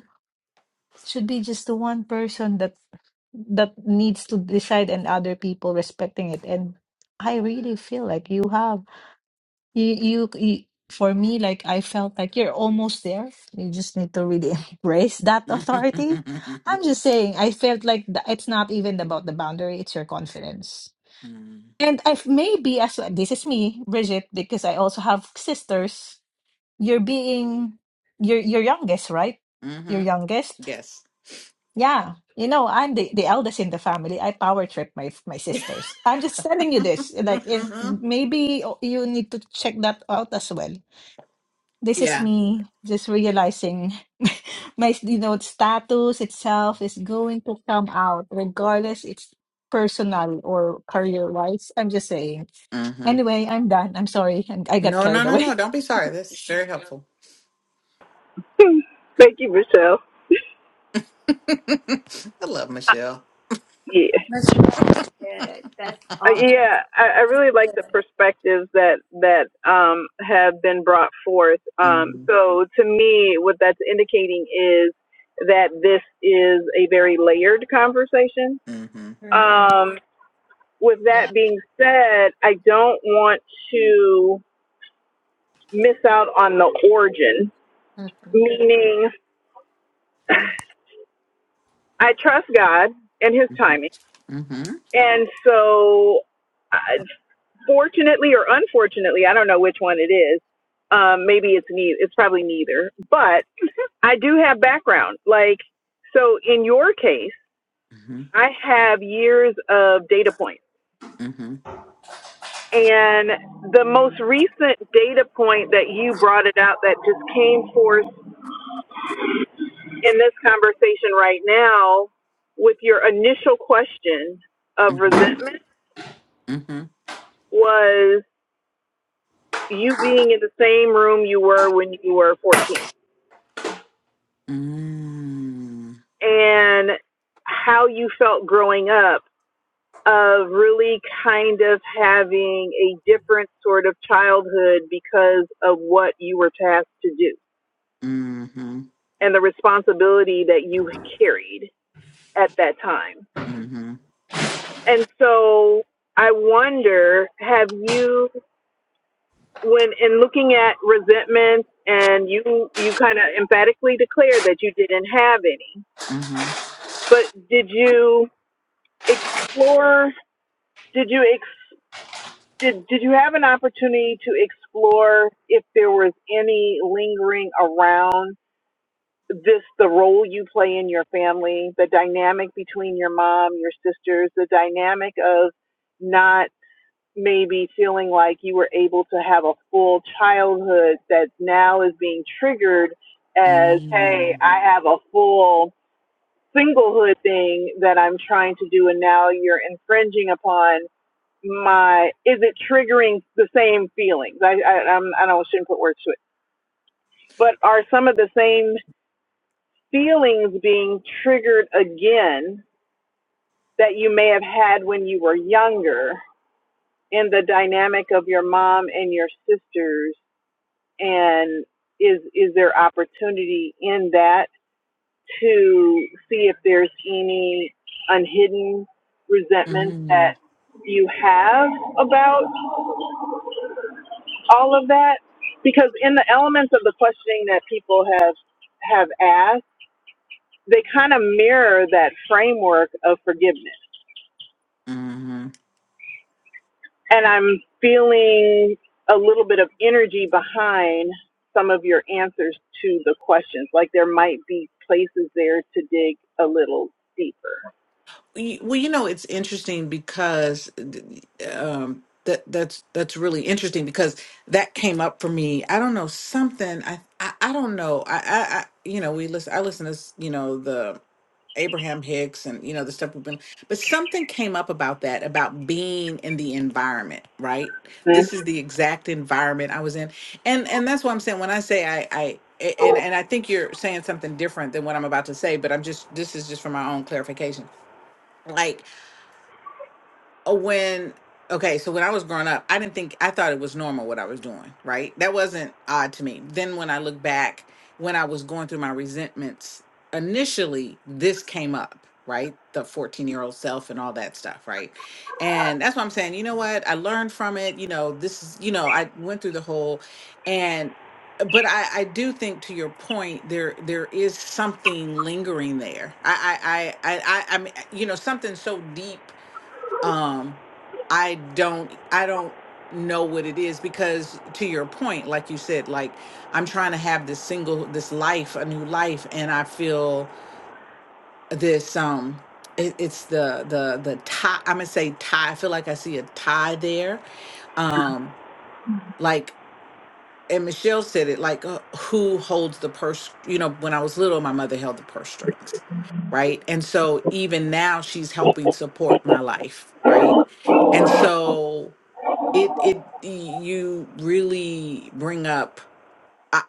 Speaker 4: should be just the one person that that needs to decide and other people respecting it and i really feel like you have you, you, you, for me, like I felt like you're almost there. You just need to really embrace that authority. I'm just saying, I felt like th- it's not even about the boundary, it's your confidence. And I've maybe as well, this is me, Bridget, because I also have sisters. You're being, you're your youngest, right? Your
Speaker 2: Mm-hmm.
Speaker 4: youngest.
Speaker 2: Yes.
Speaker 4: Yeah. You know, I'm the, the eldest in the family. I power trip my my sisters. I'm just telling you this.
Speaker 2: Mm-hmm. Mm-hmm. Mm-hmm. Mm-hmm.
Speaker 4: Like, in,
Speaker 2: Mm-hmm. Yes.
Speaker 4: maybe oh, you need to check that out as well this is
Speaker 2: Yeah.
Speaker 4: me just realizing my, you know, status itself is going to come out regardless it's personal or career-wise. I'm just saying.
Speaker 2: Mm-hmm.
Speaker 4: Anyway, I'm done. I'm sorry. and I got
Speaker 2: No, no,
Speaker 4: carried
Speaker 2: no, no.
Speaker 4: away.
Speaker 2: Don't be sorry. This is very helpful.
Speaker 5: in? Thank you, Michelle.
Speaker 2: I love Michelle.
Speaker 5: Yeah,
Speaker 3: That's good. That's
Speaker 5: Uh,
Speaker 3: all that's
Speaker 5: yeah. I, I really like
Speaker 3: good.
Speaker 5: the perspectives that that um, have been brought forth. Um, so, to me, what that's indicating is that this is a very layered conversation.
Speaker 2: Mm-hmm.
Speaker 3: hmm
Speaker 5: Um, with
Speaker 3: Yeah.
Speaker 5: that being said, I don't want to miss out on the origin.
Speaker 3: Mhm.
Speaker 5: Meaning, I trust God and His timing.
Speaker 2: Mm-hmm.
Speaker 5: And so, I- fortunately or unfortunately, I don't know which one it is. Um, maybe it's ne- it's probably neither. But I do have background. Like so, in your case,
Speaker 2: Mm-hmm.
Speaker 5: I have years of data points.
Speaker 2: Mm-hmm.
Speaker 5: And the most recent data point that you brought it out that just came forth in this conversation right now with your initial question of resentment
Speaker 2: Mm-hmm.
Speaker 5: was you being in the same room you were when you were 14
Speaker 2: Mm-hmm.
Speaker 5: and how you felt growing up of really kind of having a different sort of childhood because of what you were tasked to do
Speaker 2: Mm-hmm.
Speaker 5: and the responsibility that you carried at that time.
Speaker 2: Mm-hmm.
Speaker 5: And so I wonder have you when in looking at resentment and you you kind of emphatically declared that you didn't have any but did you explore did you ex did, did you have an opportunity to explore if there was any lingering around this the role you play in your family the dynamic between your mom your sisters the dynamic of not maybe feeling like you were able to have a full childhood that now is being triggered as hey i have a full singlehood thing that i'm trying to do and now you're infringing upon my is it triggering the same feelings i i I'm, i don't shouldn't put words to it but are some of the same feelings being triggered again that you may have had when you were younger in the dynamic of your mom and your sisters and is is there opportunity in that to see if there's any unhidden resentment that you have about all of that because in the elements of the questioning that people have have asked they kind of mirror that framework of forgiveness
Speaker 2: Mm-hmm.
Speaker 5: and i'm feeling a little bit of energy behind some of your answers to the questions like there might be places there to dig a little deeper
Speaker 2: Y- Well, you know, it's interesting because um, that that's that's really interesting because that came up for me. I don't know something. I I, I don't know. I, I I you know we listen. I listen to s- you know the Abraham Hicks and you know the stuff we've been. But something came up about that about being in the environment. Right.
Speaker 5: Hmm?
Speaker 2: This is the exact environment I was in, and and that's what I'm saying when I say I I. a- And and I think you're saying something different than what I'm about to say, but I'm just this is just for my own clarification. Like uh, when okay so when i was growing up i didn't think i thought it was normal what i was doing right that wasn't odd to me then when i look back when i was going through my resentments initially this came up right the 14 year old self and all that stuff right and that's what i'm saying you know what i learned from it you know this is you know i went through the whole and but i i do think to your point there there is something lingering there i i i i i, I mean you know something so deep um i don't i don't know what it is because to your point like you said like i'm trying to have this single this life a new life and i feel this um it, it's the the the tie i'm gonna say tie i feel like i see a tie there um like and michelle said it like uh, who holds the purse you know when i was little my mother held the purse string right and so even now she's helped my life so you really bring up I,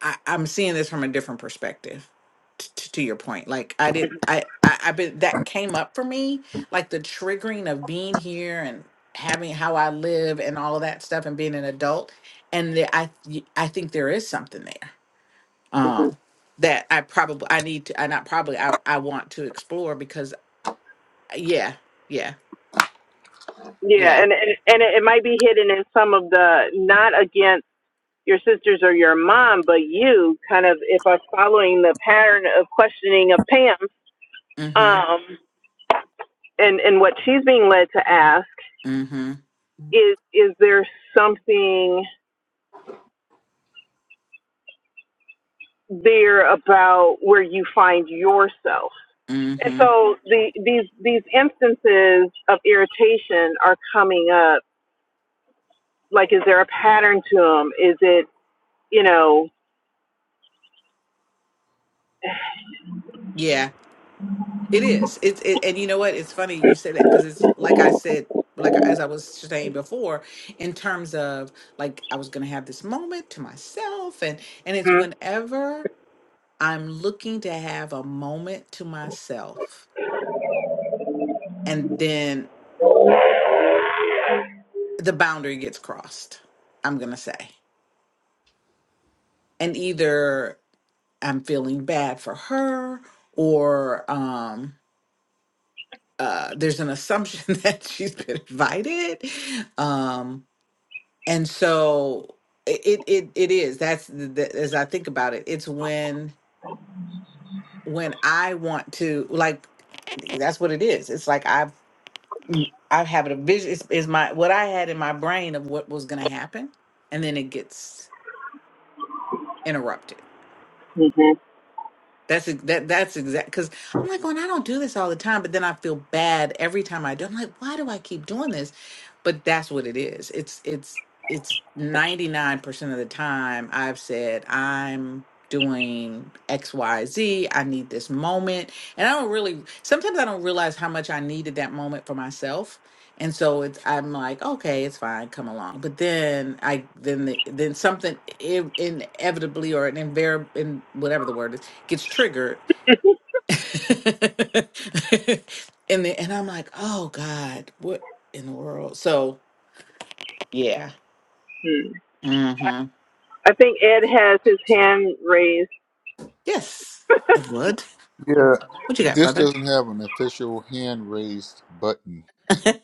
Speaker 2: I i'm seeing this from a different perspective t- t- to your point like i did i i i been that came up for me like the triggering of being here and having how i live and all of that stuff and being an adult and the, i y- i think there is something there
Speaker 5: Mhm.
Speaker 2: um that i probably i need to i not probably i i want to explore because yeah yeah
Speaker 5: yeah and, and and it might be hidden in some of the not against your sisters or your mom, but you kind of, if I'm following the pattern of questioning of Pam,
Speaker 2: mm
Speaker 5: um, and, and what she's being led to ask
Speaker 2: mhm
Speaker 5: is, is there something there about where you find yourself?
Speaker 2: mhm mhm
Speaker 5: And so the, these, these instances of irritation are coming up. Like, is there a pattern to them? Is it, you know,
Speaker 2: yeah it is it's it, and you know what it's funny you said as I was saying before, in terms of like I was gonna have this moment to myself, and and it's
Speaker 5: hmm,
Speaker 2: whenever I'm looking to have a moment to myself, and then the boundary gets crossed. I'm gonna say, and either I'm feeling bad for her, or um, uh, there's an assumption that she's been invited, um, and so it it it it is that's the, the, as I think about it, it's when when I want to like that's what it is. It's like I've mm, I have a vision is, is my what I had in my brain of what was gonna happen, and then it gets interrupted.
Speaker 5: hmm, hmm.
Speaker 2: That's ex- that that's exact because I'm like going I don't do this all the time, but then I feel bad every time I do. I'm like, why do I keep doing this? But that's what it is. It's it's 99% of the time I've said I'm doing xyzi need this moment. And I don't really sometimes I don't realize how much I needed that moment for myself. And so it's I'm like, okay, it's fine, come along. But then I then the, then something in, inevitably or an invar in whatever the word is gets triggered. and then and I'm like, oh God, what in the world? So yeah.
Speaker 5: hmm.
Speaker 2: Mm-hmm.
Speaker 5: I think Ed has his hand raised.
Speaker 2: Yes, it would.
Speaker 6: Yeah,
Speaker 2: What you got,
Speaker 6: this
Speaker 2: brother?
Speaker 6: doesn't have an official hand raised button.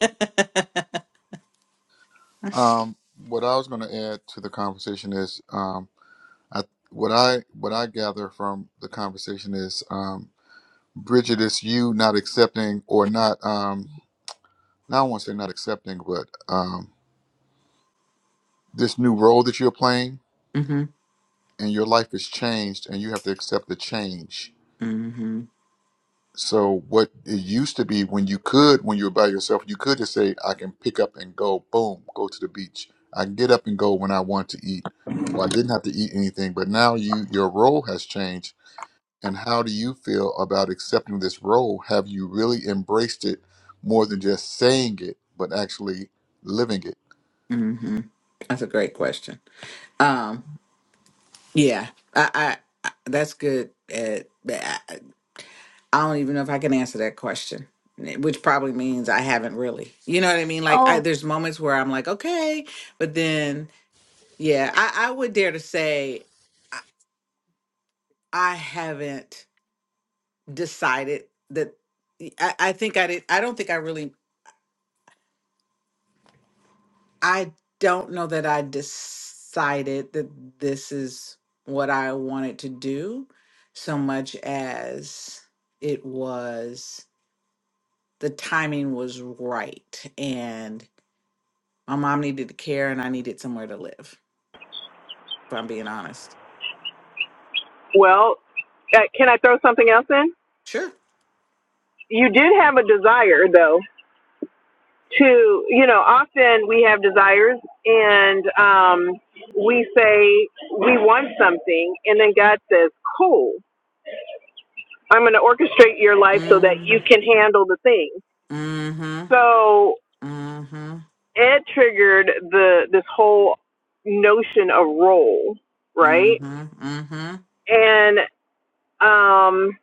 Speaker 6: Um, what I was going to add to the conversation is, um, I what I what I gather from the conversation is, um, Bridget, it's you not accepting or not. Um, now I won't say not accepting, but um, this new role that you're playing
Speaker 2: Mm-hmm.
Speaker 6: and your life is changed, and you have to accept the change
Speaker 2: Mm-hmm.
Speaker 6: So what it used to be when you could, when you were by yourself, you could just say, I can pick up and go, boom, go to the beach. I can get up and go when I want to eat. Or I didn't have to eat anything. But now you your role has changed. And how do you feel about accepting this role? Have you really embraced it more than just saying it, but actually living it?
Speaker 2: Mm-hmm. That's a great question. Um, yeah, I, I, I that's good. Uh, but I, I don't even know if I can answer that question, which probably means I haven't really. You know what I mean? Like, I,
Speaker 4: Oh,
Speaker 2: there's moments where I'm like, okay, but then, yeah, I, I would dare to say I, I haven't decided that. I, I think I did. I don't think I really. I don't know that I decided that this is what I wanted to do so much as it was the timing was right and my mom needed to care and I needed somewhere to live, if I'm being honest.
Speaker 5: Well, uh, can I throw something else in?
Speaker 2: Sure.
Speaker 5: You did have a desire, though, to, you know, often we have desires and um, we say we want something, and then God says, cool, I'm going to orchestrate your life so that you can handle the thing.
Speaker 2: Mm-hmm.
Speaker 5: So
Speaker 2: Mm-hmm.
Speaker 5: it triggered the this whole notion of role, right?
Speaker 2: Mm-hmm.
Speaker 5: And um,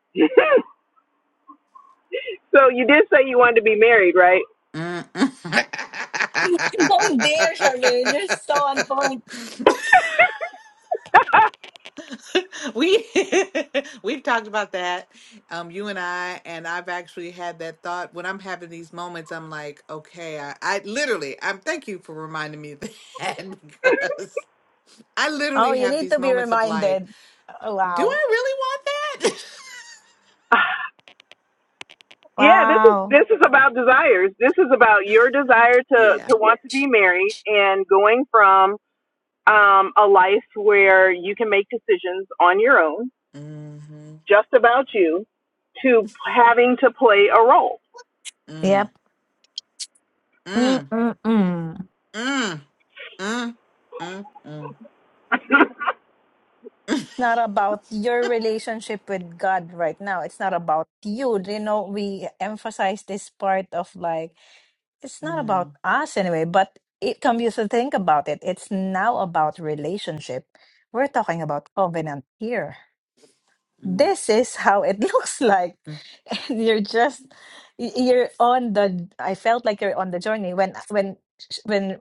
Speaker 5: so you did say you wanted to be married, right?
Speaker 4: You're going there, Charmaine. You're so on
Speaker 2: Mm-hmm.
Speaker 4: point.
Speaker 2: We we've talked about that. Um, you and I, and I've actually had that thought when I'm having these moments. I'm like, okay, I, I literally, I'm. Thank you for reminding me of that. because I
Speaker 4: Oh,
Speaker 2: literally
Speaker 4: you
Speaker 2: have
Speaker 4: need
Speaker 2: these
Speaker 4: to be
Speaker 2: moments of like,
Speaker 4: reminded. Oh,
Speaker 2: do
Speaker 4: wow.
Speaker 2: I really want that?
Speaker 5: Yeah, this is
Speaker 4: Wow.
Speaker 5: this is about desires. This is about your desire to to want to be married and going from um, a life where you can make decisions on your own,
Speaker 2: mm-hmm.
Speaker 5: just about you, to having to play a role.
Speaker 4: Yep.
Speaker 2: Mm. Mm.
Speaker 4: Mm-mm-mm.
Speaker 2: Mm. Mm. Mm. Mm.
Speaker 4: Not about your relationship with God right now. It's not about you. You know, we emphasize this part of like, it's not
Speaker 2: Mm.
Speaker 4: about us anyway, but it comes you to think about it. It's now about relationship. We're talking about covenant here. this is how it looks like and you're just y- you're on the i felt like you're on the journey when when when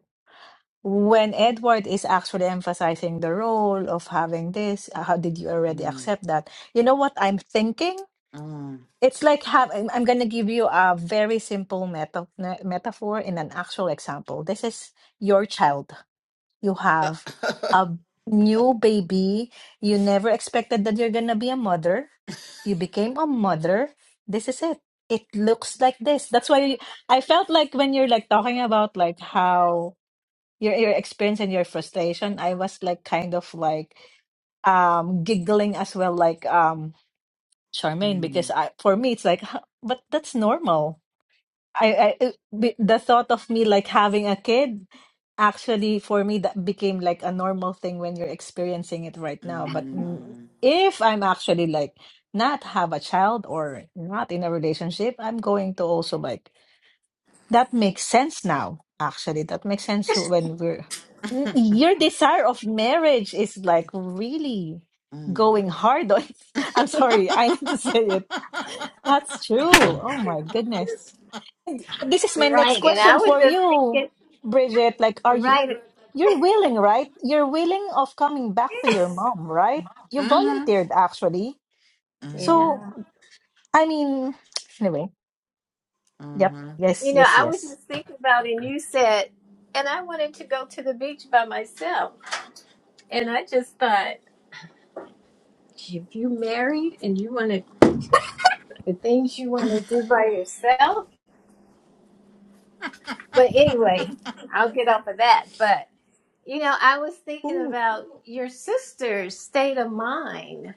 Speaker 4: when edward is actually emphasizing the role of having this uh, how did you
Speaker 2: Mm. Mm. Mm.
Speaker 4: already accept that you know what i'm thinking
Speaker 2: Mm.
Speaker 4: it's like have i'm, I'm going to give you a very simple meta, metaphor in an actual example this is your child you have a new baby you never expected that you're gonna be a mother you became a mother this is it it looks like this that's why i felt like when you're like talking about like how your your experience and your frustration i was like kind of like um giggling as well like um charmaine because
Speaker 2: Mm.
Speaker 4: i for me it's like "Huh, but that's normal I, I b- the thought of me like having a kid actually for me that became like a normal thing when you're experiencing it right now but mm,
Speaker 2: Mm.
Speaker 4: if I'm actually like not have a child or not in a relationship I'm going to also like that makes sense now actually that makes sense when we're N- your desire of marriage is like really
Speaker 2: Mm.
Speaker 4: going hard on I'm sorry I need to say it that's true oh my goodness this is my next
Speaker 3: Right. And
Speaker 4: question
Speaker 3: I was
Speaker 4: for
Speaker 3: just
Speaker 4: you,
Speaker 3: thinking,
Speaker 4: Bridget. Like, are you
Speaker 3: right.
Speaker 4: you're willing, right? You're willing of coming back to your mom, right? You
Speaker 2: mhm.
Speaker 4: volunteered actually.
Speaker 2: Mhm.
Speaker 4: So
Speaker 3: Yeah.
Speaker 4: I mean, anyway, yep,
Speaker 2: Mhm.
Speaker 4: yes,
Speaker 3: You know,
Speaker 4: yes,
Speaker 3: I was
Speaker 4: yes,
Speaker 3: just thinking about, and you said, and I wanted to go to the beach by myself. And I just thought, if you married and you want to, the things you want to do by yourself. But anyway, I'll get off of that. But, you know, I was thinking
Speaker 2: Ooh.
Speaker 3: about your sister's state of mind,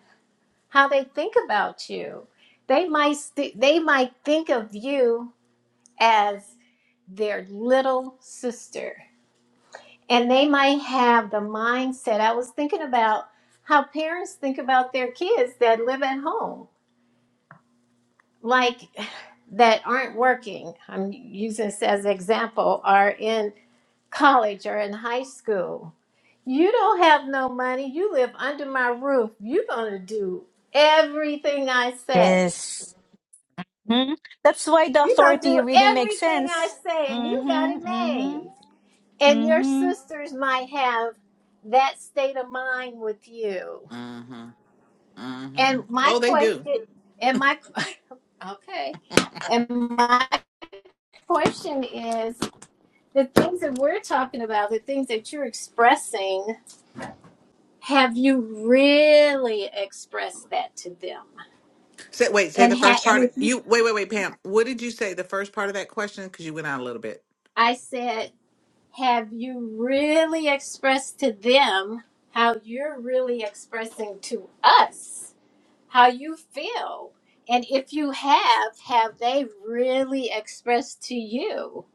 Speaker 3: how they think about you. They might, st- they might think of you as their little sister. And they might have the mindset. I was thinking about how parents think about their kids that live at home like that aren't working, I'm using this as an example, are in college or in high school. You don't have no money. You live under my roof. You're going to do everything I say.
Speaker 4: yes. Mhm. That's why the
Speaker 3: You're going to do
Speaker 4: authority really makes
Speaker 3: everything I
Speaker 4: sense.
Speaker 3: say, and you got it
Speaker 4: Mm-hmm. Mm-hmm.
Speaker 3: made. And your
Speaker 4: Mm-hmm.
Speaker 3: sisters might have that state of mind with you.
Speaker 2: Mhm. Mhm.
Speaker 3: And my
Speaker 2: Oh, they do.
Speaker 3: question, and my, okay. And my question is the things that we're talking about, the things that you're expressing, have you really expressed that to them?
Speaker 2: Say, wait, say
Speaker 3: And,
Speaker 2: the
Speaker 3: ha-
Speaker 2: first
Speaker 3: and
Speaker 2: part. You wait, wait, wait, Pam. What did you say? The first part of that question because you went out a little bit.
Speaker 3: I said, have you really expressed to them how you're really expressing to us how you feel? And if you have, have they really expressed to you?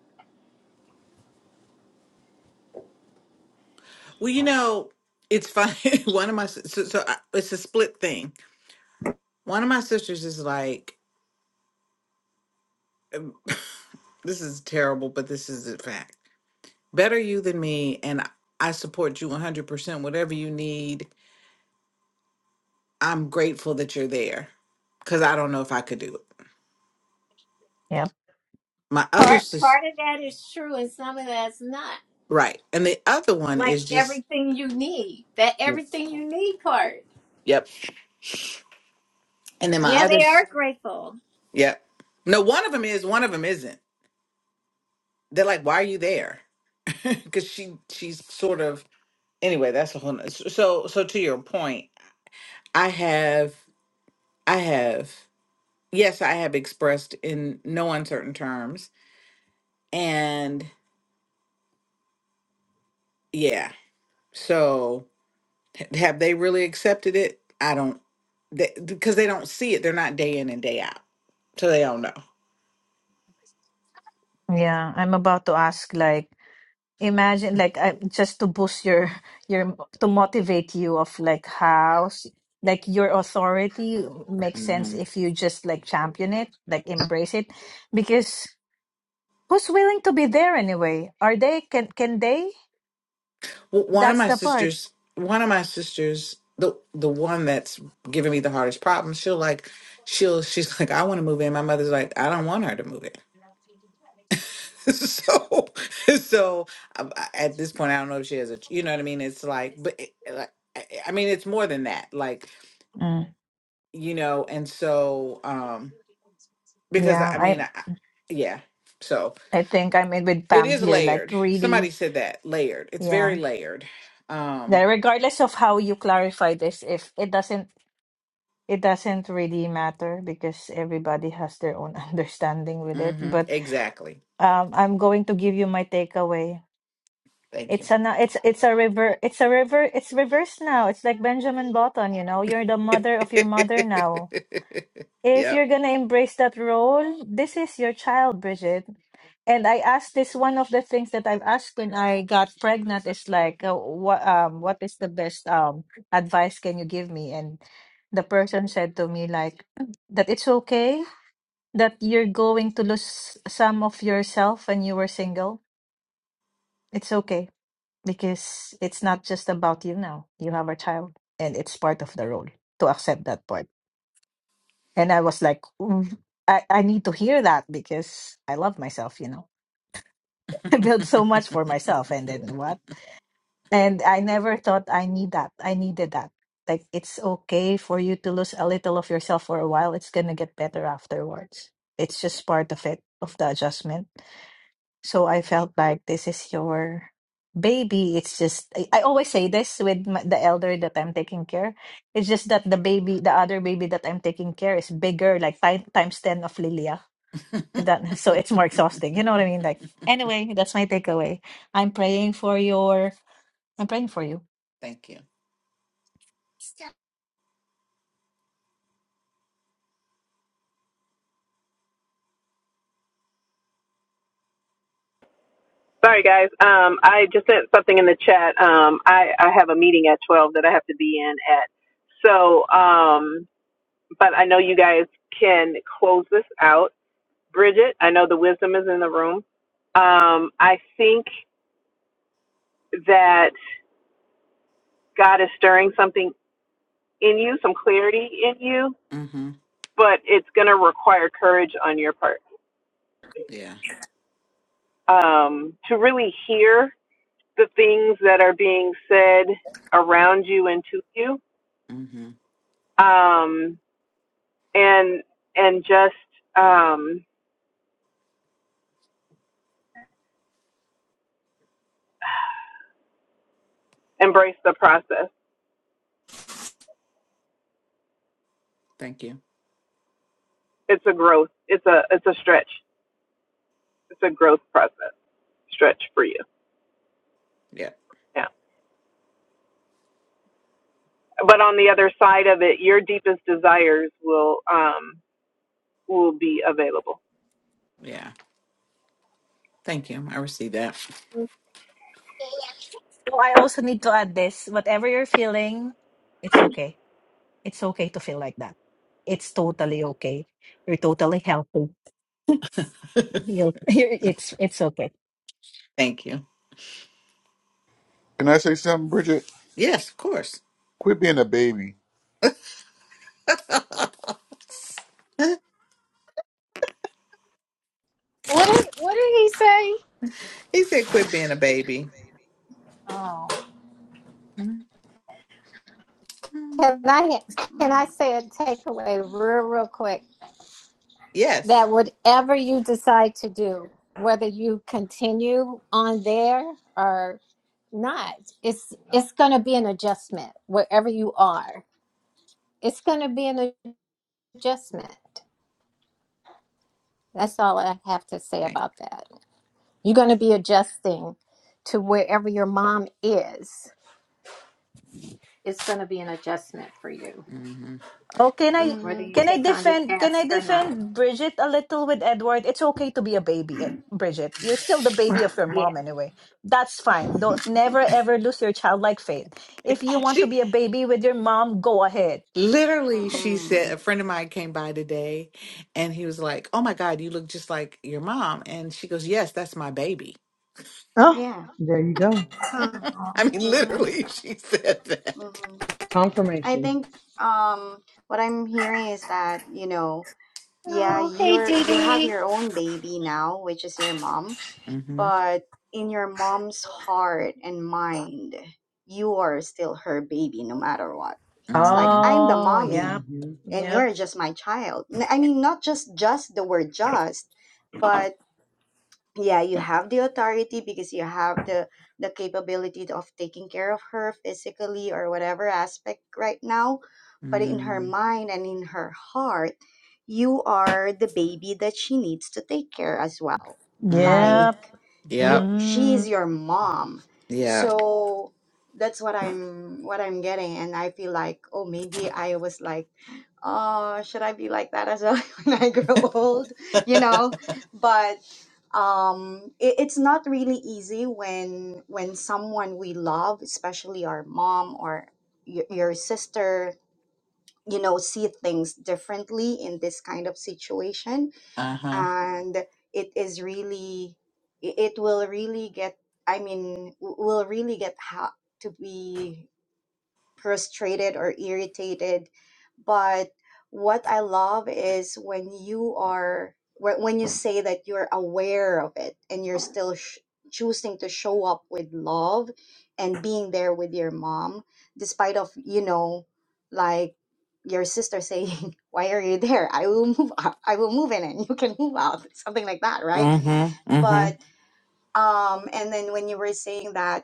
Speaker 2: Well, you know, it's funny. One of my sis- so, so I, it's a split thing. One of my sisters is like, this is terrible, but this is a fact. Better you than me, and I support you 100%. Whatever you need, I'm grateful that you're there because I don't know if I could do it.
Speaker 4: Yep.
Speaker 2: My other
Speaker 3: Part
Speaker 2: sister,
Speaker 3: part of that is true, and some of that's not.
Speaker 2: right. And the other one
Speaker 3: Like
Speaker 2: is just,
Speaker 3: everything you need, that everything you need part.
Speaker 2: yep. And then my
Speaker 3: Yeah,
Speaker 2: other,
Speaker 3: they
Speaker 2: s-
Speaker 3: are grateful.
Speaker 2: yep. No, one of them is, one of them isn't. They're like, why are you there? Because she, she's sort of, anyway, that's a whole, noth- so, so so to your point, I have, I have, yes, I have expressed in no uncertain terms. And yeah, so. Have they really accepted it? I don't, they, because they don't see it. They're not day in and day out, so they don't know.
Speaker 4: Yeah, I'm about to ask like. imagine like I, just to boost your your to motivate you of like how s- like your authority makes sense
Speaker 2: hmm
Speaker 4: if you just like champion it like embrace it because who's willing to be there anyway are they can can they
Speaker 2: W- One of
Speaker 4: that's
Speaker 2: my
Speaker 4: the part
Speaker 2: sisters, one of my sisters, the the one that's giving me the hardest problem, she'll like, she'll she's like, I want to move in. My mother's like, I don't want her to move in. so, so I, I- at this point, I don't know if she has a, ch- you know what I mean. It's like, but it, like, I I mean, it's more than that. Like,
Speaker 4: mm,
Speaker 2: you know, and so, um, because I
Speaker 4: yeah
Speaker 2: I mean,
Speaker 4: i
Speaker 2: I, I- yeah, so,
Speaker 4: i think i'm in with
Speaker 2: It
Speaker 4: pam
Speaker 2: is
Speaker 4: here like
Speaker 2: layered.
Speaker 4: really
Speaker 2: Somebody said that. Layered. It's
Speaker 4: yeah
Speaker 2: very layered.
Speaker 4: that
Speaker 2: Um,
Speaker 4: regardless of how you clarify this if it doesn't it doesn't really matter because everybody has their own understanding with it
Speaker 2: hmm
Speaker 4: but
Speaker 2: exactly.
Speaker 4: um, I'm going to give you my takeaway.
Speaker 2: Thank you.
Speaker 4: It's a na- it's it's a river it's a river it's reverse now. It's like Benjamin Button, you know. You're the mother of your mother now. If
Speaker 2: yep.
Speaker 4: you're gonna embrace that role, this is your child, Bridget. And I asked this one of the things that I've asked when I got pregnant is like, uh, what um what is the best um advice can you give me? And the person said to me like that it's okay that you're going to lose some of yourself when you were single It's okay because it's not just about you now. You have a child, and it's part of the role to accept that part. And I was like, "Mm, I, I need to hear that because I love myself, you know. I built so much for myself, and then what? And I never thought I need that. I needed that. Like, it's okay for you to lose a little of yourself for a while. It's going to get better afterwards. It's
Speaker 2: Yeah.
Speaker 4: just part of it, of the adjustment So I felt like this is your baby. It's just, I, I always say this with my, the elder that I'm taking care. It's just that the baby, the other baby that I'm taking care is bigger, like time, times 10 of Lilia. If that, so it's more exhausting. You know what I mean? Like, anyway, that's my takeaway. I'm praying for your, I'm praying for you.
Speaker 2: Thank you.
Speaker 5: Sorry, guys. Um, I just sent something in the chat. Um, I I have a meeting at twelve that I have to be in at. So, um, but I know you guys can close this out. Bridget, I know the wisdom is in the room. Um, I think that God is stirring something in you, some clarity in you,
Speaker 2: Mm-hmm.
Speaker 5: but it's going to require courage on your part
Speaker 2: Yeah.
Speaker 5: um, to really hear the things that are being said around you and to you,
Speaker 2: Mm-hmm.
Speaker 5: um, and and just um, embrace the process.
Speaker 2: Thank you.
Speaker 5: It's a growth. It's a it's a stretch. It's a growth process stretch for you.
Speaker 2: Yep.
Speaker 5: Yeah. But on the other side of it, your deepest desires will um, will be available.
Speaker 2: Yeah. Thank you. I received that.
Speaker 4: So I also need to add this, whatever you're feeling, it's okay. It's okay to feel like that. It's totally okay. You're totally healthy. You'll, it's, it's okay.
Speaker 2: Thank you.
Speaker 6: Can I say something, Bridget?
Speaker 2: Yes, of course.
Speaker 6: Quit being a baby
Speaker 3: What did What did he say?
Speaker 2: He said, "Quit being a baby."
Speaker 7: baby.
Speaker 3: Oh.
Speaker 2: hmm
Speaker 3: Can I can I say a takeaway real real quick?
Speaker 2: Yes.
Speaker 3: That whatever you decide to do, whether you continue on there or not, it's it's going to be an adjustment wherever you are. It's going to be an adjustment. That's all I have to say
Speaker 2: Okay.
Speaker 3: about that. You're going to be adjusting to wherever your mom is. It's going to be an adjustment for you.
Speaker 2: Mm-hmm.
Speaker 4: Oh, can I
Speaker 3: whether
Speaker 7: Mm-hmm.
Speaker 3: you
Speaker 4: can I
Speaker 3: take on the
Speaker 4: defend can I
Speaker 3: task or not.
Speaker 4: defend Bridget a little with Edward? It's okay to be a baby, eh, Bridget. You're still the baby of your mom
Speaker 3: Yeah.
Speaker 4: anyway. That's fine. Don't never ever lose your childlike faith. If you want to
Speaker 2: she
Speaker 4: be a baby with your mom, go ahead.
Speaker 2: Literally, she said, a
Speaker 7: Mm-mm.
Speaker 2: friend of mine came by today and he was like, Oh my God, you look just like your mom. And she goes, Yes, that's my baby.
Speaker 8: oh,
Speaker 7: Yeah.
Speaker 8: there you go.
Speaker 3: Huh.
Speaker 2: I mean,
Speaker 7: Mm-hmm.
Speaker 2: literally, she said that.
Speaker 7: Mm-hmm. I
Speaker 8: Confirmation.
Speaker 7: think um what I'm hearing is that, you know, yeah,
Speaker 3: Oh, hey,
Speaker 7: you're
Speaker 3: Dee
Speaker 7: you have
Speaker 3: Dee.
Speaker 7: your own baby now, which is your mom,
Speaker 2: Mm-hmm.
Speaker 7: but in your mom's heart and mind, you are still her baby no matter what. It's like
Speaker 2: Mm-hmm.
Speaker 7: I'm the
Speaker 4: Oh,
Speaker 8: hmm
Speaker 4: yep,
Speaker 7: mommy and
Speaker 4: yep,
Speaker 7: you're just my child. N- I mean, not just just the word just, but. yeah you have the authority because you have the the capability of taking care of her physically or whatever aspect right now but in her
Speaker 2: Mm-hmm.
Speaker 7: mind and in her heart you are the baby that she needs to take care as well
Speaker 2: Mm-hmm.
Speaker 8: hmm
Speaker 4: Yep.
Speaker 7: like Yeah. you
Speaker 2: Yep.
Speaker 7: she is
Speaker 4: Mm,
Speaker 7: your mom
Speaker 2: Yeah.
Speaker 7: so that's what i'm what i'm getting and i feel like oh maybe i was like oh, should I be like that as well when I grow old? You know, but um, it, it's not really easy when when someone we love, especially our mom or your, your sister, you know, see things differently in this kind of situation,
Speaker 2: Uh-huh.
Speaker 7: and it is really, it, it will really get. I mean, w- will really get hot to be frustrated or irritated but what i love is when you are when when you say that you're aware of it and you're still sh- choosing to show up with love and being there with your mom despite of you know like your sister saying why are you there i will move out. i will move in and you can move out something like that right
Speaker 2: Mm-hmm.
Speaker 7: but
Speaker 2: Mm-hmm.
Speaker 7: um and then when you were saying that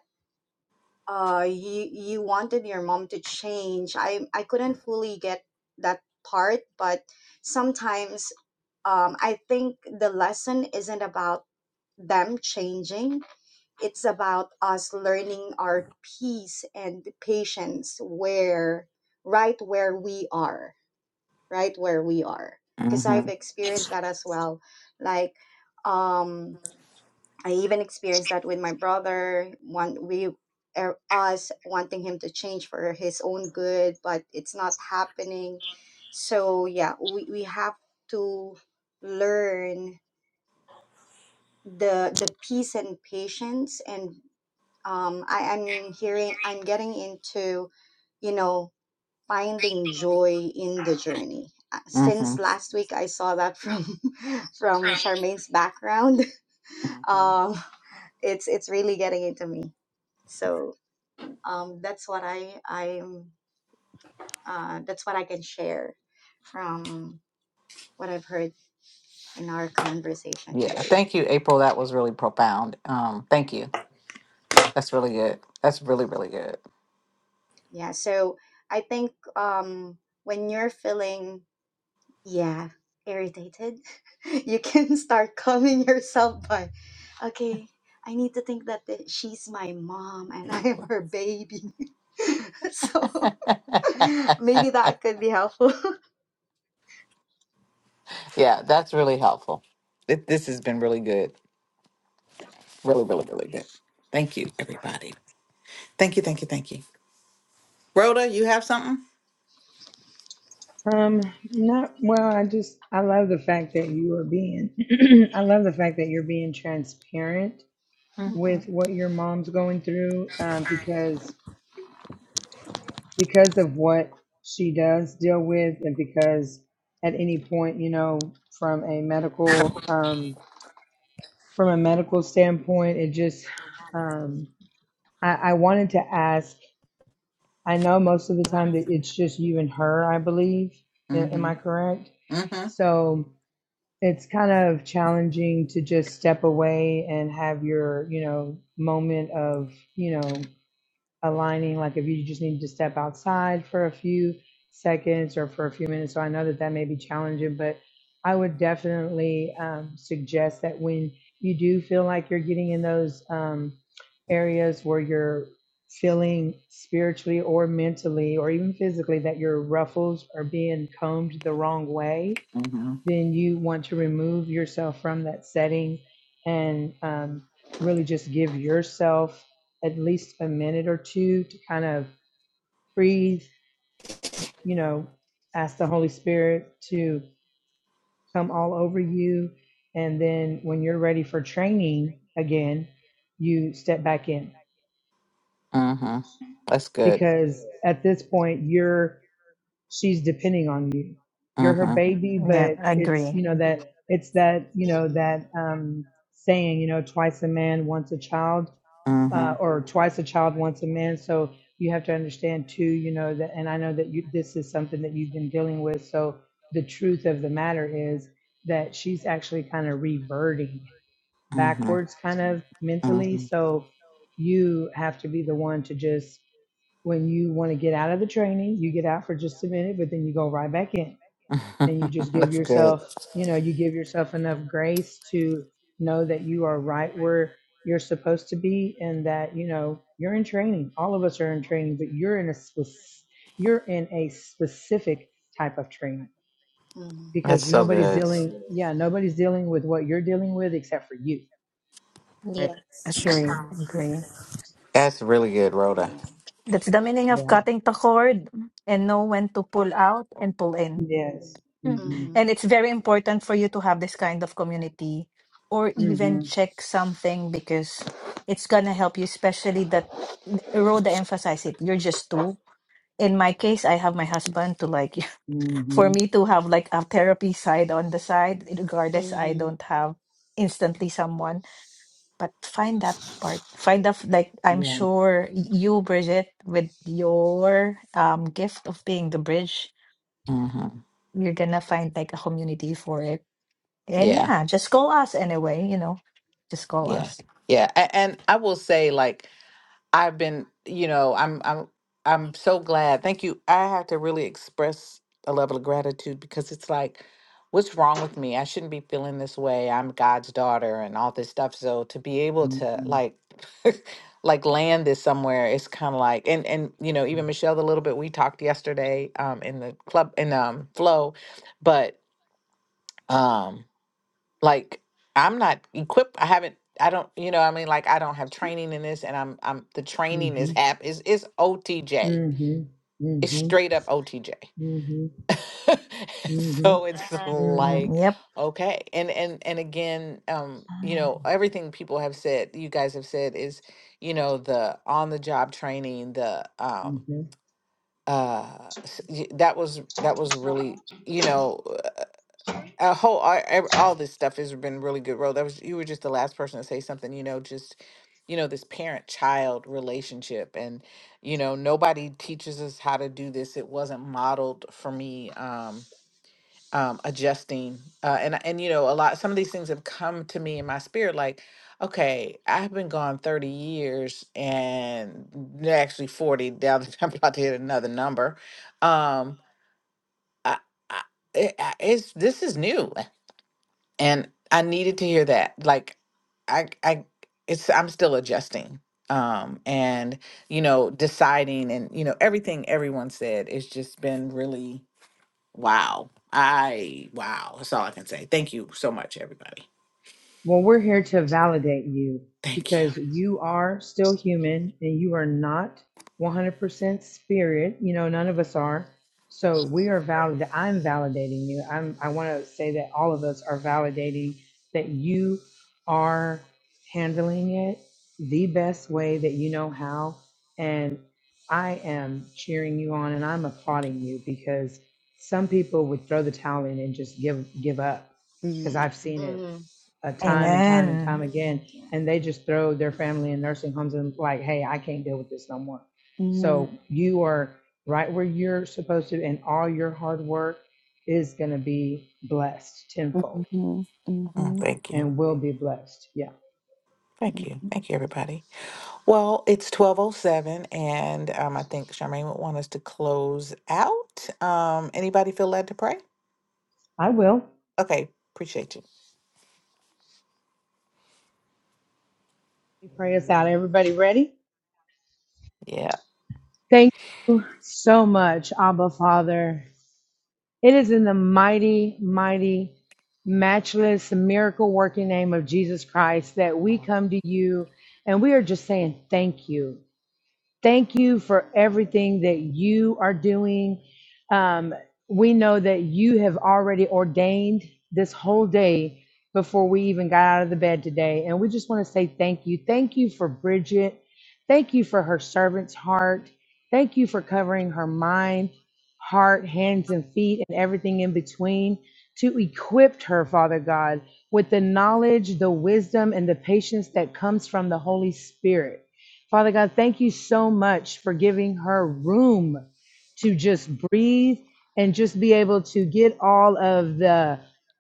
Speaker 7: uh you you wanted your mom to change i i couldn't fully get that part but sometimes um i think the lesson isn't about them changing it's about us learning our peace and patience where right where we are right where we are because
Speaker 2: Mm-hmm.
Speaker 7: i've experienced that as well like um I even experienced that with my brother. One, we, er, us wanting him to change for his own good, but it's not happening. So yeah, we, we have to learn the the peace and patience. And um, I, I'm hearing, I'm getting into, you know, finding joy in the journey. Uh,
Speaker 2: Mm-hmm.
Speaker 7: Since last week, I saw that from from Charmaine's background.
Speaker 2: Mm-hmm.
Speaker 7: Um, it's it's really getting into me. So um, that's what I I'm uh, that's what I can share from what I've heard in our conversation
Speaker 2: Yeah.
Speaker 7: today.
Speaker 2: Thank you, April. That was really profound. Um, thank you. That's really good. That's really, really good.
Speaker 7: Yeah. So I think um, when you're feeling yeah irritated, you can start calming yourself by okay. I need to think that the, she's my mom and I am her baby. so maybe that could be helpful.
Speaker 2: Yeah, that's really helpful. Th- This has been really good. Really, really, really good. Thank you, everybody. Thank you, thank you, thank you. Rhoda, you have something?
Speaker 8: Um, not well. I just I love the fact that you are being. I love the fact that you're being transparent
Speaker 3: hmm
Speaker 8: with what your mom's going through. Um, because because of what she does deal with, and because at any point, you know, from a medical um from a medical standpoint, it just um I, I wanted to ask. I know most of the time that it's just you and her, I believe. A- Am
Speaker 2: Mm-hmm.
Speaker 8: I correct?
Speaker 2: Mm-hmm.
Speaker 8: So it's kind of challenging to just step away and have your, you know, moment of, you know, aligning like if you just need to step outside for a few seconds or for a few minutes so i know that that may be challenging but i would definitely um, suggest that when you do feel like you're getting in those um, areas where you're feeling spiritually or mentally or even physically that your ruffles are being combed the wrong way
Speaker 2: Mm-hmm.
Speaker 8: then you want to remove yourself from that setting and um, really just give yourself at least a minute or two to kind of breathe, you know, ask the Holy Spirit to come all over you. And then when you're ready for training again, you step back in
Speaker 2: Mm-hmm. That's good.
Speaker 8: because at this point, you're she's depending on you. You're her
Speaker 2: Mm-hmm.
Speaker 8: baby,
Speaker 4: yeah,
Speaker 8: but
Speaker 4: I
Speaker 8: it's
Speaker 4: agree.
Speaker 8: you know that it's that you know
Speaker 7: Mhm.
Speaker 8: that um, saying you know twice a man once a child
Speaker 2: Mm-hmm.
Speaker 8: uh, or twice a child once a man. So you have to understand too, you know that, and I know that you this is something that you've been dealing with. So the truth of the matter is that she's actually kind of reverting
Speaker 2: Mm-hmm.
Speaker 8: backwards, kind of mentally.
Speaker 2: Mm-hmm.
Speaker 8: So you have to be the one to just when you want to get out of the training, you get out for just a minute, but then you go right back in and you just give
Speaker 2: That's good.
Speaker 7: Mm,
Speaker 8: yourself, you know, you give yourself enough grace to know that you are right where you're supposed to be and that, you know, you're in training. All of us are in training, but you're in a spec- you're in a specific type of training
Speaker 7: mm,
Speaker 8: because
Speaker 2: That's so
Speaker 8: nobody's
Speaker 2: good.
Speaker 8: dealing yeah, nobody's dealing with what you're dealing with except for you.
Speaker 3: Yes.
Speaker 7: Mm-hmm.
Speaker 4: Agree.
Speaker 2: That's really good, Rhoda.
Speaker 7: Yeah.
Speaker 4: That's the meaning of
Speaker 8: Yeah.
Speaker 4: cutting the cord and know when to pull out and pull in.
Speaker 8: Yes.
Speaker 4: Mm.
Speaker 8: Mhm.
Speaker 7: Mm-hmm.
Speaker 4: And it's very important for you to have this kind of community or even
Speaker 8: Mhm.
Speaker 4: check something because it's gonna help you, especially that Rhoda emphasized it. You're just two. In my case, I have my husband to like for
Speaker 8: Mhm.
Speaker 4: me to have like a therapy side on the side, regardless I
Speaker 7: Mm-hmm.
Speaker 4: don't have instantly someone. But find that part. Find that like I'm
Speaker 8: Yeah.
Speaker 4: sure you, Bridget, with your um gift of being the bridge,
Speaker 2: Mm-hmm.
Speaker 4: you're gonna find like a community for it and
Speaker 2: Yeah.
Speaker 4: yeah, just call us anyway, you know. Just call
Speaker 2: Yeah.
Speaker 4: us.
Speaker 2: Yeah. A- and I will say, like, I've been, you know, I'm I'm I'm so glad. Thank you. I have to really express a level of gratitude because it's like, what's wrong with me? I shouldn't be feeling this way. I'm God's daughter and all this stuff. So to be able to
Speaker 8: Mhm.
Speaker 2: like like land this somewhere, it's kind of like and and you know, even Michelle a little bit we talked yesterday um in the club in um flow, but um like I'm not equipped. I haven't. I don't. You know. What I mean, like I don't have training in this, and I'm. I'm. The training is
Speaker 8: Mhm.
Speaker 2: hap is is OTJ.
Speaker 8: Mhm.
Speaker 2: It's
Speaker 8: Mhm.
Speaker 2: straight up OTJ.
Speaker 8: Mhm. Mhm.
Speaker 2: so it's
Speaker 8: Mhm.
Speaker 2: like
Speaker 4: Mm, yep.
Speaker 2: okay, and and and again, um, you know, everything people have said, you guys have said is, you know, the on the job training, the um,
Speaker 8: Mhm.
Speaker 2: uh, s- y- that was that was really you know a whole all, ev- all this stuff has been really good role that was you were just the last person to say something you know just you know this parent child relationship and you know nobody teaches us how to do this it wasn't modeled for me um um adjusting uh and and you know a lot some of these things have come to me in my spirit like okay i've been gone 30 years and n- actually 40 now that i'm about to hit another number um I, I, it, I- it's this is new and I needed to hear that. Like, I, I, it's I'm still adjusting, um, and you know, deciding, and you know, everything everyone said. It's just been really wow. I wow. That's all I can say. Thank you so much, everybody.
Speaker 8: Well, we're here to validate you
Speaker 2: Thank you.
Speaker 8: because you are still human and you are not 100% spirit. You know, none of us are. So we are
Speaker 2: Sure.
Speaker 8: valid. I'm validating you. I'm, I want to say that all of us are validating that you are handling it the best way that you know how. And I am cheering you on and I'm
Speaker 2: Thank you.
Speaker 8: applauding you because some people would throw the towel in and just give, give up because
Speaker 1: Mm-hmm.
Speaker 8: I've seen it
Speaker 7: Mm-hmm.
Speaker 8: uh, time
Speaker 2: Um,
Speaker 8: and time and
Speaker 4: Amen.
Speaker 8: time again.
Speaker 7: Yeah.
Speaker 8: And they just throw their family in nursing homes and like, hey, I can't deal with this no more.
Speaker 1: Mm-hmm.
Speaker 8: So you are right where you're supposed to, and all your hard work is going to be blessed tenfold
Speaker 2: mm,
Speaker 1: Mm-hmm.
Speaker 2: Thank you.
Speaker 8: and will be blessed. Yeah,
Speaker 2: Thank you. Thank you, everybody. Well, it's 1207, and um, I think Charmaine would want us to close out. Um, anybody feel led to pray?
Speaker 8: I will.
Speaker 2: Okay, appreciate you.
Speaker 8: You Pray us out. Everybody ready?
Speaker 2: Yeah.
Speaker 8: Thank you so much, Abba Father. It is in the mighty, mighty, matchless, miracle working name of Jesus Christ that we
Speaker 2: No.
Speaker 8: come to you and we are just saying thank you. Thank you for everything that you are doing. Um, we know that you have already ordained this whole day before we even got out of the bed today. And we just want to say thank you. Thank you for Bridget. Thank you for her servant's heart. Thank you for covering her mind, heart, hands, and feet, and everything in between to equip her, Father God, with the knowledge, the wisdom, and the patience that comes from the Holy Spirit. Father God, thank you so much for giving her room to just breathe and just be able to get all of the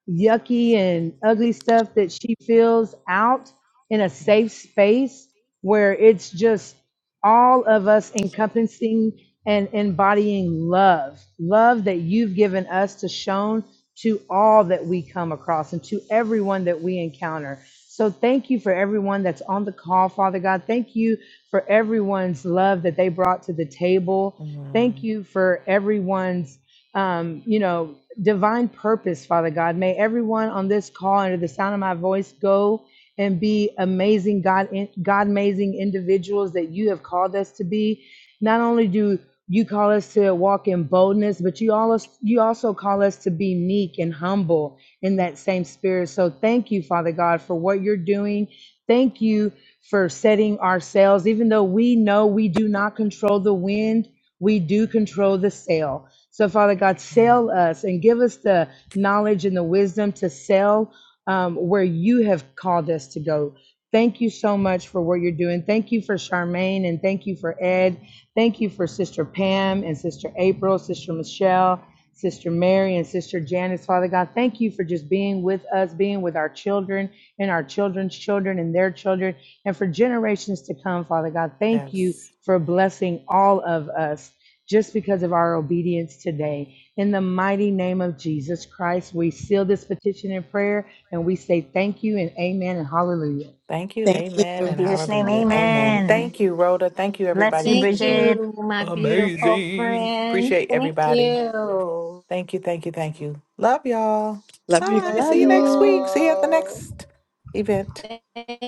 Speaker 8: yucky and ugly stuff that she feels out in a safe space where it's just all of us encompassing and embodying love, love that you've given us to shown to all that we come across and to everyone that we encounter. So thank you for everyone that's on the call, Father God. Thank you for everyone's love that they brought to the table. Thank
Speaker 2: Mm,
Speaker 8: you for everyone's, um, you know, divine purpose, Father God. May everyone on this call, under the sound of my voice, go and be amazing God, God amazing individuals that you have called us to be. Not only do you call us to walk in boldness, but you all you also call us to be meek and humble in that same spirit. So thank you, Father God, for what you're doing. Thank you for setting our sails, even though we know we do not control the wind, we do control the sail. So, Father God, sail
Speaker 2: mm.
Speaker 8: us and give us the knowledge and the wisdom to sail um, where you have called us to go. Thank you so much for what you're doing. Thank you for Charmaine and thank you for Ed. Thank you for Sister Pam and Sister April, Sister Michelle, Sister Mary, and Sister Janice. Father God, thank you for just being with us, being with our children and our children's children and their children and for generations to come, Father God. Thank you
Speaker 2: Yes.
Speaker 8: for blessing all of us just because of our obedience today. In the mighty name of Jesus Christ, we seal this petition in prayer and we say thank you and amen and hallelujah.
Speaker 2: Thank you.
Speaker 1: Thank
Speaker 2: Amen
Speaker 4: In
Speaker 1: you.
Speaker 2: and
Speaker 4: Jesus' name,
Speaker 2: hallelujah.
Speaker 3: Oh,
Speaker 2: Amen.
Speaker 4: amen.
Speaker 2: Thank
Speaker 7: Amen.
Speaker 2: you, Rhoda. Thank you,
Speaker 4: Bless
Speaker 2: everybody.
Speaker 7: Amen.
Speaker 4: you,
Speaker 2: This
Speaker 3: thank
Speaker 2: has been
Speaker 4: Bridget.
Speaker 3: you, my beautiful
Speaker 2: amazing.
Speaker 3: friend.
Speaker 2: Appreciate
Speaker 3: Thank
Speaker 2: everybody.
Speaker 3: you.
Speaker 2: Thank you. Thank you. Thank you. Love y'all.
Speaker 1: Love you.
Speaker 2: Bye.
Speaker 7: Love
Speaker 8: Love
Speaker 2: See you
Speaker 7: you
Speaker 2: next
Speaker 8: you.
Speaker 2: week. See you at the
Speaker 7: all.
Speaker 2: next event.
Speaker 3: Thank